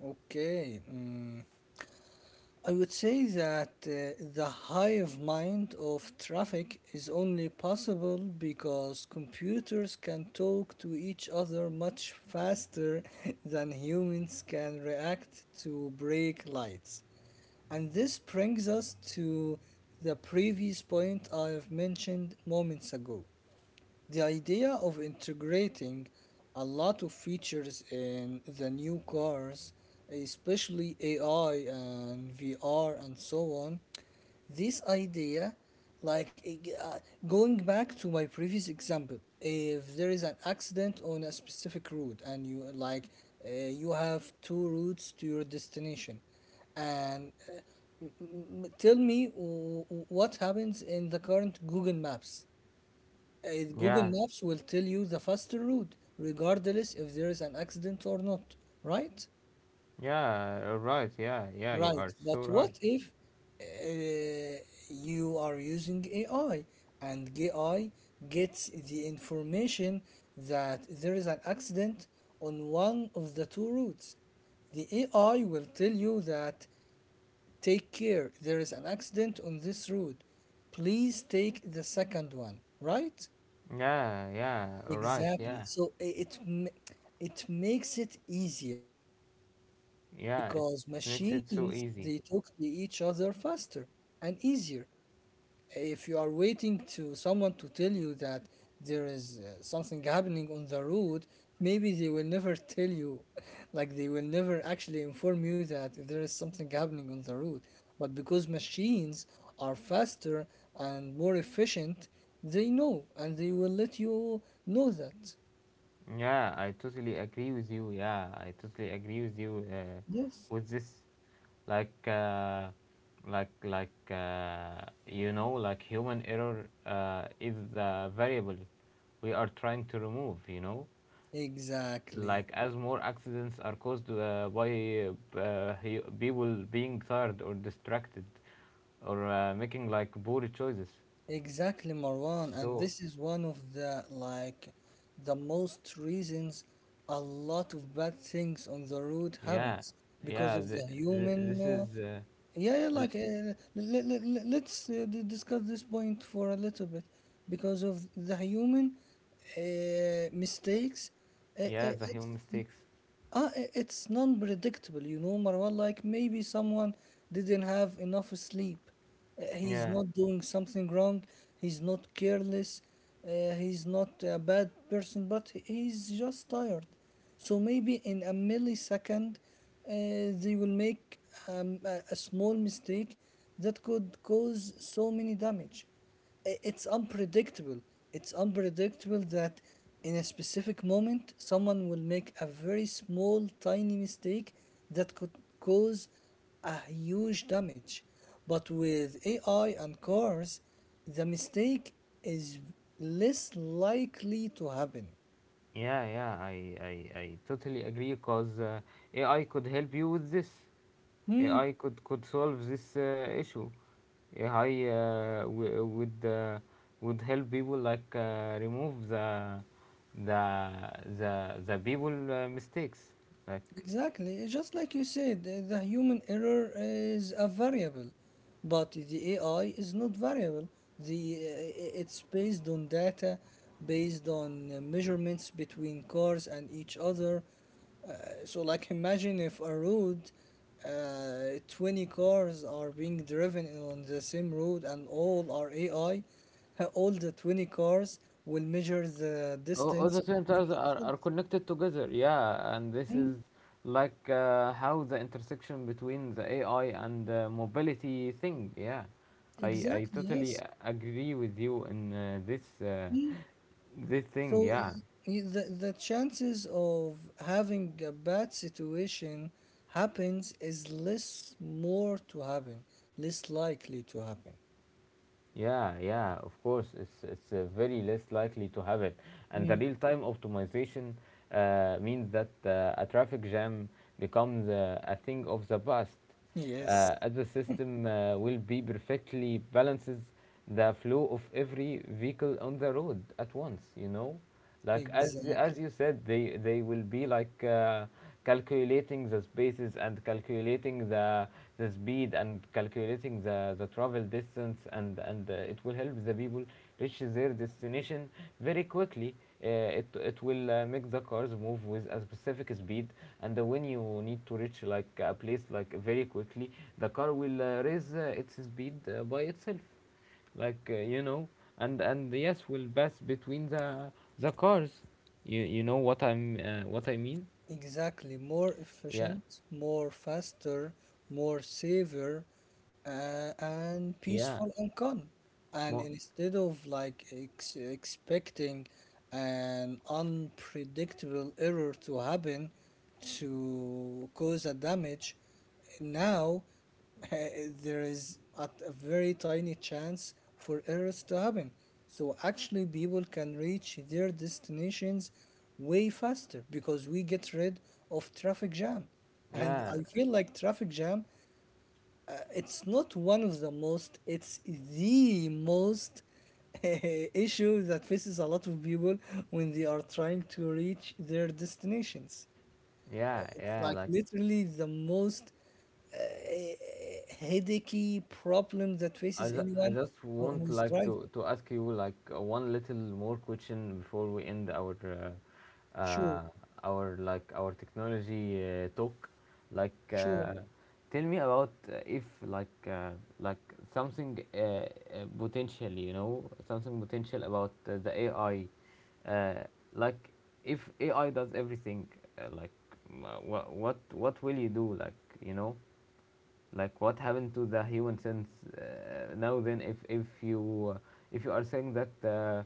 Speaker 2: Okay. Mm, I would say that uh, the hive mind of traffic is only possible because computers can talk to each other much faster than humans can react to brake lights. And this brings us to the previous point I have mentioned moments ago. The idea of integrating a lot of features in the new cars, especially A I and V R and so on, this idea, like uh, going back to my previous example, if there is an accident on a specific route and you like uh, you have two routes to your destination and uh, M- tell me w- w- what happens in the current Google Maps. Uh, Google
Speaker 1: Yeah,
Speaker 2: Maps will tell you the faster route, regardless if there is an accident or not, right?
Speaker 1: yeah, uh, right, yeah, yeah, you
Speaker 2: Right.
Speaker 1: are so
Speaker 2: But
Speaker 1: right.
Speaker 2: what if uh, you are using A I, and A I gets the information that there is an accident on one of the two routes? The A I will tell you that, "Take care, there is an accident on this road. Please take the second one," right?
Speaker 1: Yeah, yeah, right,
Speaker 2: Exactly.
Speaker 1: yeah,
Speaker 2: So i- it ma- it makes it easier. Why?
Speaker 1: yeah, it
Speaker 2: Because
Speaker 1: makes it
Speaker 2: machines,
Speaker 1: so
Speaker 2: they
Speaker 1: easy.
Speaker 2: talk to each other faster and easier. If you are waiting to someone to tell you that there is uh, something happening on the road, maybe they will never tell you. Like, they will never actually inform you that there is something happening on the road, but because machines are faster and more efficient, they know and they will let you know that.
Speaker 1: Yeah, I totally agree with you. Yeah, I totally agree with you uh,
Speaker 2: Yes.
Speaker 1: with this. Like, uh, like like uh, you know, like human error uh, is the variable we are trying to remove, you know,
Speaker 2: Exactly.
Speaker 1: like as more accidents are caused uh, by, uh, he- people being tired or distracted, or uh, making, like, poor choices,
Speaker 2: Exactly, Marwan, and
Speaker 1: so.
Speaker 2: this is one of the like the most reasons a lot of bad things on the road
Speaker 1: Yeah,
Speaker 2: happens because
Speaker 1: yeah,
Speaker 2: of the
Speaker 1: th- th-
Speaker 2: human.
Speaker 1: this
Speaker 2: Uh,
Speaker 1: is, uh,
Speaker 2: yeah, yeah,
Speaker 1: l-
Speaker 2: like uh, let, let, let's uh, d- discuss this point for a little bit because of the human uh, mistakes. Uh, uh,
Speaker 1: yeah, the
Speaker 2: it's
Speaker 1: human mistakes,
Speaker 2: uh, i- it's non-predictable, you know, Marwan. Like, maybe someone didn't have enough sleep. Uh, he's
Speaker 1: yeah.
Speaker 2: not doing something wrong. He's not careless. Uh, he's not a bad person, but he- he's just tired. So maybe in a millisecond, uh, they will make um, a, a small mistake that could cause so many damage. I- it's unpredictable. It's unpredictable that in a specific moment, someone will make a very small, tiny mistake that could cause a huge damage. But with A I and cars, the mistake is less likely to happen.
Speaker 1: Yeah, yeah, I, I, I totally agree because uh, A I could help you with this.
Speaker 2: Hmm?
Speaker 1: A I could, could solve this uh, issue. A I uh, w- would uh, would help people, like uh, remove the the the the people uh, mistakes, like.
Speaker 2: Exactly. It's just like you said, uh, the human error is a variable, but the A I is not variable. The uh, it's based on data, based on uh, measurements between cars and each other. Uh, so, like, imagine if a road, uh, twenty cars are being driven on the same road and all are A I, uh, all the twenty cars will measure the
Speaker 1: All, all
Speaker 2: distance
Speaker 1: the twin
Speaker 2: between
Speaker 1: towers are,
Speaker 2: themselves.
Speaker 1: are connected together, yeah. And this
Speaker 2: Mm.
Speaker 1: is like, uh, how the intersection between the A I and the mobility thing, yeah. I i
Speaker 2: Exactly,
Speaker 1: totally
Speaker 2: yes.
Speaker 1: a- agree with you in uh, this, uh,
Speaker 2: Hmm.
Speaker 1: this thing,
Speaker 2: So
Speaker 1: yeah.
Speaker 2: y- the the chances of having a bad situation happens is less more to happen, less likely to happen.
Speaker 1: Yeah, yeah, of course, it's it's uh, very less likely to have it. And the
Speaker 2: Mm.
Speaker 1: real-time optimization uh, means that uh, a traffic jam becomes uh, a thing of the past.
Speaker 2: Yes,
Speaker 1: Uh, as the system uh, will be perfectly balances the flow of every vehicle on the road at once, you know, like as as
Speaker 2: exactly.
Speaker 1: you said, they they will be like, uh, calculating the spaces and calculating the the speed and calculating the the travel distance, and and uh, it will help the people reach their destination very quickly. Uh, it it will, uh, make the cars move with a specific speed. And uh, when you need to reach, like, a place, like, very quickly, the car will, uh, raise uh, its speed uh, by itself, like, uh, you know. And and yes, will pass between the the cars. You you know what I'm uh, what I mean?
Speaker 2: Exactly, more
Speaker 1: Yeah,
Speaker 2: efficient, more faster, more safer, uh, and
Speaker 1: yeah,
Speaker 2: peaceful income. And
Speaker 1: mo-
Speaker 2: instead of like ex- expecting an unpredictable error to happen to cause a damage, now, there is a, a very tiny chance for errors to happen. So actually, people can reach their destinations way faster because we get rid of traffic jam. And
Speaker 1: yeah,
Speaker 2: I feel like traffic jam, uh, it's not one of the most, it's the most issue that faces a lot of people when they are trying to reach their destinations.
Speaker 1: yeah,
Speaker 2: It's
Speaker 1: yeah.
Speaker 2: like
Speaker 1: Like,
Speaker 2: literally the most uh, headachy problem that
Speaker 1: I,
Speaker 2: faces
Speaker 1: ju- I
Speaker 2: anyone
Speaker 1: just
Speaker 2: who-
Speaker 1: want,
Speaker 2: who's
Speaker 1: like, to,
Speaker 2: driving.
Speaker 1: to ask you, like, uh, one little more question before we end our, uh,
Speaker 2: Sure,
Speaker 1: uh, our, like, our technology uh, talk. Like,
Speaker 2: sure.
Speaker 1: uh, tell me about, uh, if, like, uh, like something, uh, uh, potential, you know, something potential about uh, the A I, uh, like if A I does everything, uh, like wha- wha- what what will you do, like, you know, like what happened to the human sense, uh, now then, if if you, uh, if you are saying that, uh,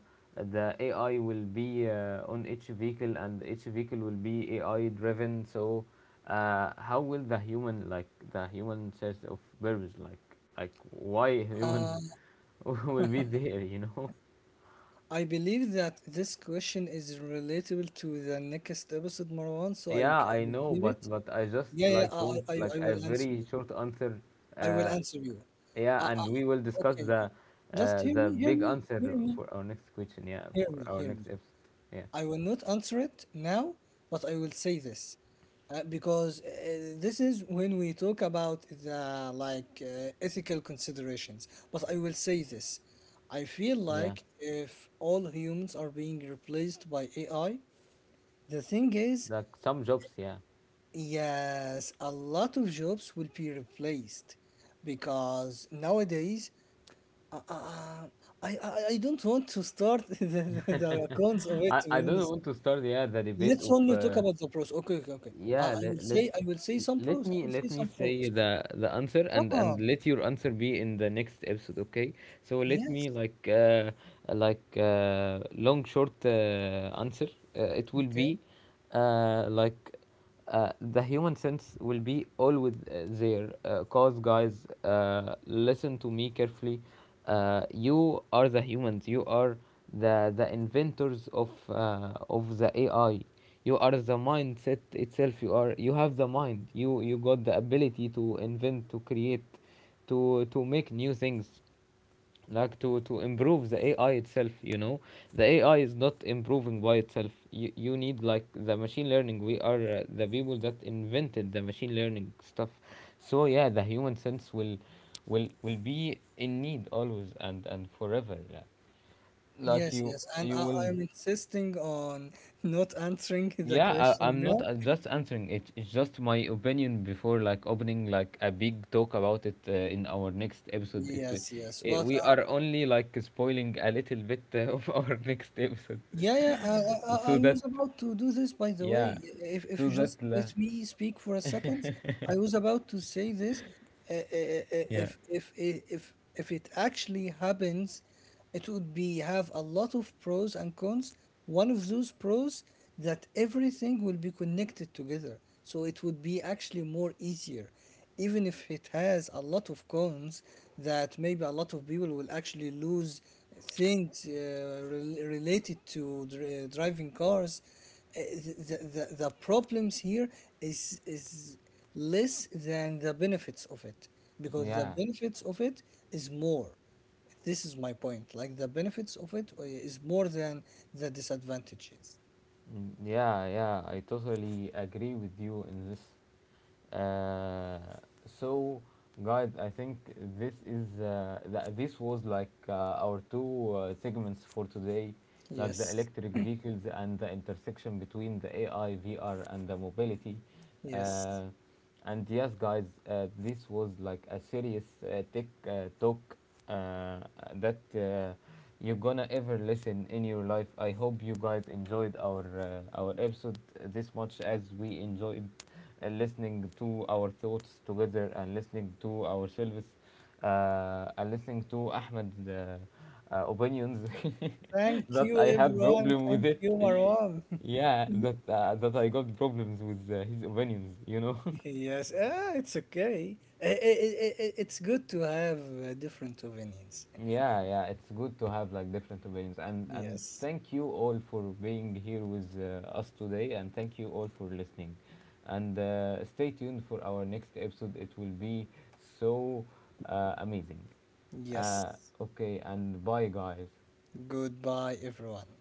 Speaker 1: the A I will be, uh, on each vehicle, and each vehicle will be A I driven. So, uh, how will the human, like the human sense of purpose, like, like why humans will be there, you know.
Speaker 2: I believe that this question is relatable to the next episode, Marwan, so I,
Speaker 1: Yeah,
Speaker 2: I
Speaker 1: I
Speaker 2: will
Speaker 1: know,
Speaker 2: give
Speaker 1: but
Speaker 2: it.
Speaker 1: but I just,
Speaker 2: Yeah, yeah,
Speaker 1: like,
Speaker 2: I,
Speaker 1: want,
Speaker 2: I, I
Speaker 1: like,
Speaker 2: I
Speaker 1: a
Speaker 2: will answer
Speaker 1: very
Speaker 2: you.
Speaker 1: short answer
Speaker 2: I will
Speaker 1: uh,
Speaker 2: answer you. Uh,
Speaker 1: Yeah, and we will
Speaker 2: uh,
Speaker 1: discuss
Speaker 2: okay, good.
Speaker 1: the
Speaker 2: Just
Speaker 1: uh,
Speaker 2: hear
Speaker 1: the
Speaker 2: me, hear
Speaker 1: big
Speaker 2: me,
Speaker 1: answer
Speaker 2: hear me,
Speaker 1: for our next question. Yeah,
Speaker 2: hear
Speaker 1: for
Speaker 2: me,
Speaker 1: our
Speaker 2: hear me.
Speaker 1: next episode. Yeah,
Speaker 2: I will not answer it now, but I will say this uh, because uh, this is when we talk about the like uh, ethical considerations. But I will say this: I feel
Speaker 1: yeah.
Speaker 2: like if all humans are being replaced by A I, the thing is,
Speaker 1: Like, some jobs. Yeah,
Speaker 2: yes, a lot of jobs will be replaced because nowadays uh, uh, I, I I don't want to start the, the, the cons of it,
Speaker 1: I,
Speaker 2: to
Speaker 1: I
Speaker 2: be
Speaker 1: don't
Speaker 2: honest.
Speaker 1: want to start. Yeah, the debate
Speaker 2: Let's
Speaker 1: of.
Speaker 2: only talk
Speaker 1: Uh,
Speaker 2: about the pros. Okay, okay, okay. Uh,
Speaker 1: yeah,
Speaker 2: I
Speaker 1: let
Speaker 2: will
Speaker 1: let
Speaker 2: say, I will say some
Speaker 1: let
Speaker 2: pros. I
Speaker 1: me
Speaker 2: will say
Speaker 1: let me
Speaker 2: some
Speaker 1: say
Speaker 2: pros.
Speaker 1: the the answer,
Speaker 2: Come
Speaker 1: and and
Speaker 2: on.
Speaker 1: let your answer be in the next episode. Okay. So let
Speaker 2: Yes.
Speaker 1: me, like, uh, like uh, long short uh, answer. Uh, it will
Speaker 2: Okay.
Speaker 1: be uh, like uh, The human sense will be always uh, there. Uh, cause, guys, uh, listen to me carefully. Uh, you are the humans. You are the the inventors of uh, of the A I. You are the mindset itself. You are you have the mind. You you got the ability to invent, to create, to to make new things, like to to improve the A I itself, you know. The A I is not improving by itself. You, you need, like, the machine learning. We are uh, the people that invented the machine learning stuff. So yeah, the human sense will will will be in need always and and forever, yeah. Like,
Speaker 2: Yes,
Speaker 1: you
Speaker 2: yes. And
Speaker 1: you
Speaker 2: uh, I,
Speaker 1: will.
Speaker 2: I'm insisting on not answering the
Speaker 1: Yeah, I,
Speaker 2: question
Speaker 1: I'm not
Speaker 2: now.
Speaker 1: uh, just answering it. It's just my opinion before, like, opening, like, a big talk about it uh, in our next episode. It, wi-
Speaker 2: Yes, yes.
Speaker 1: eh,
Speaker 2: But
Speaker 1: we
Speaker 2: uh,
Speaker 1: are only, like, spoiling a little bit uh, of our next episode,
Speaker 2: yeah, yeah. I, I, I
Speaker 1: so
Speaker 2: I
Speaker 1: that,
Speaker 2: was about to do this, by the
Speaker 1: yeah,
Speaker 2: way. If, if
Speaker 1: so
Speaker 2: you just
Speaker 1: that la,
Speaker 2: let me speak for a second, I was about to say this. Uh, uh, uh, uh,
Speaker 1: yeah.
Speaker 2: if if if if it actually happens, it would be have a lot of pros and cons. One of those pros that everything will be connected together, so it would be actually more easier, even if it has a lot of cons that maybe a lot of people will actually lose things uh, rel- related to dri- driving cars, uh, the, the, the problems here is is less than the benefits of it, because the
Speaker 1: Yeah,
Speaker 2: benefits of it is more. This is my point, like the benefits of it uh, is more than the disadvantages.
Speaker 1: mm, yeah, yeah. I totally agree with you in this. Uh, so, guys, I think this is uh, th- this was like, uh, our two uh, segments for today, like the
Speaker 2: Yes,
Speaker 1: electric vehicles and the intersection between the A I, V R, and the mobility.
Speaker 2: yes.
Speaker 1: Uh, and yes, guys, uh, this was like a serious uh, tech uh, talk uh, that uh, you're gonna ever listen in your life. I hope you guys enjoyed our uh, our episode this much as we enjoyed and listening to our thoughts together and listening to ourselves, uh, and listening to Ahmed's uh, uh, opinions
Speaker 2: Thank
Speaker 1: that
Speaker 2: you,
Speaker 1: I have
Speaker 2: everyone.
Speaker 1: problem with
Speaker 2: Thank
Speaker 1: it.
Speaker 2: you, Marwan.
Speaker 1: Yeah, that uh, that I got problems with uh, his opinions, you know.
Speaker 2: Yes, ah, it's okay. I- I- I- I- I- it's good to have uh, different opinions.
Speaker 1: Yeah, yeah, it's good to have, like, different opinions. And and
Speaker 2: Yes,
Speaker 1: thank you all for being here with uh, us today, and thank you all for listening. And uh, stay tuned for our next episode. It will be so uh, amazing.
Speaker 2: yes.
Speaker 1: Uh, okay, and bye, guys.
Speaker 2: Goodbye, everyone.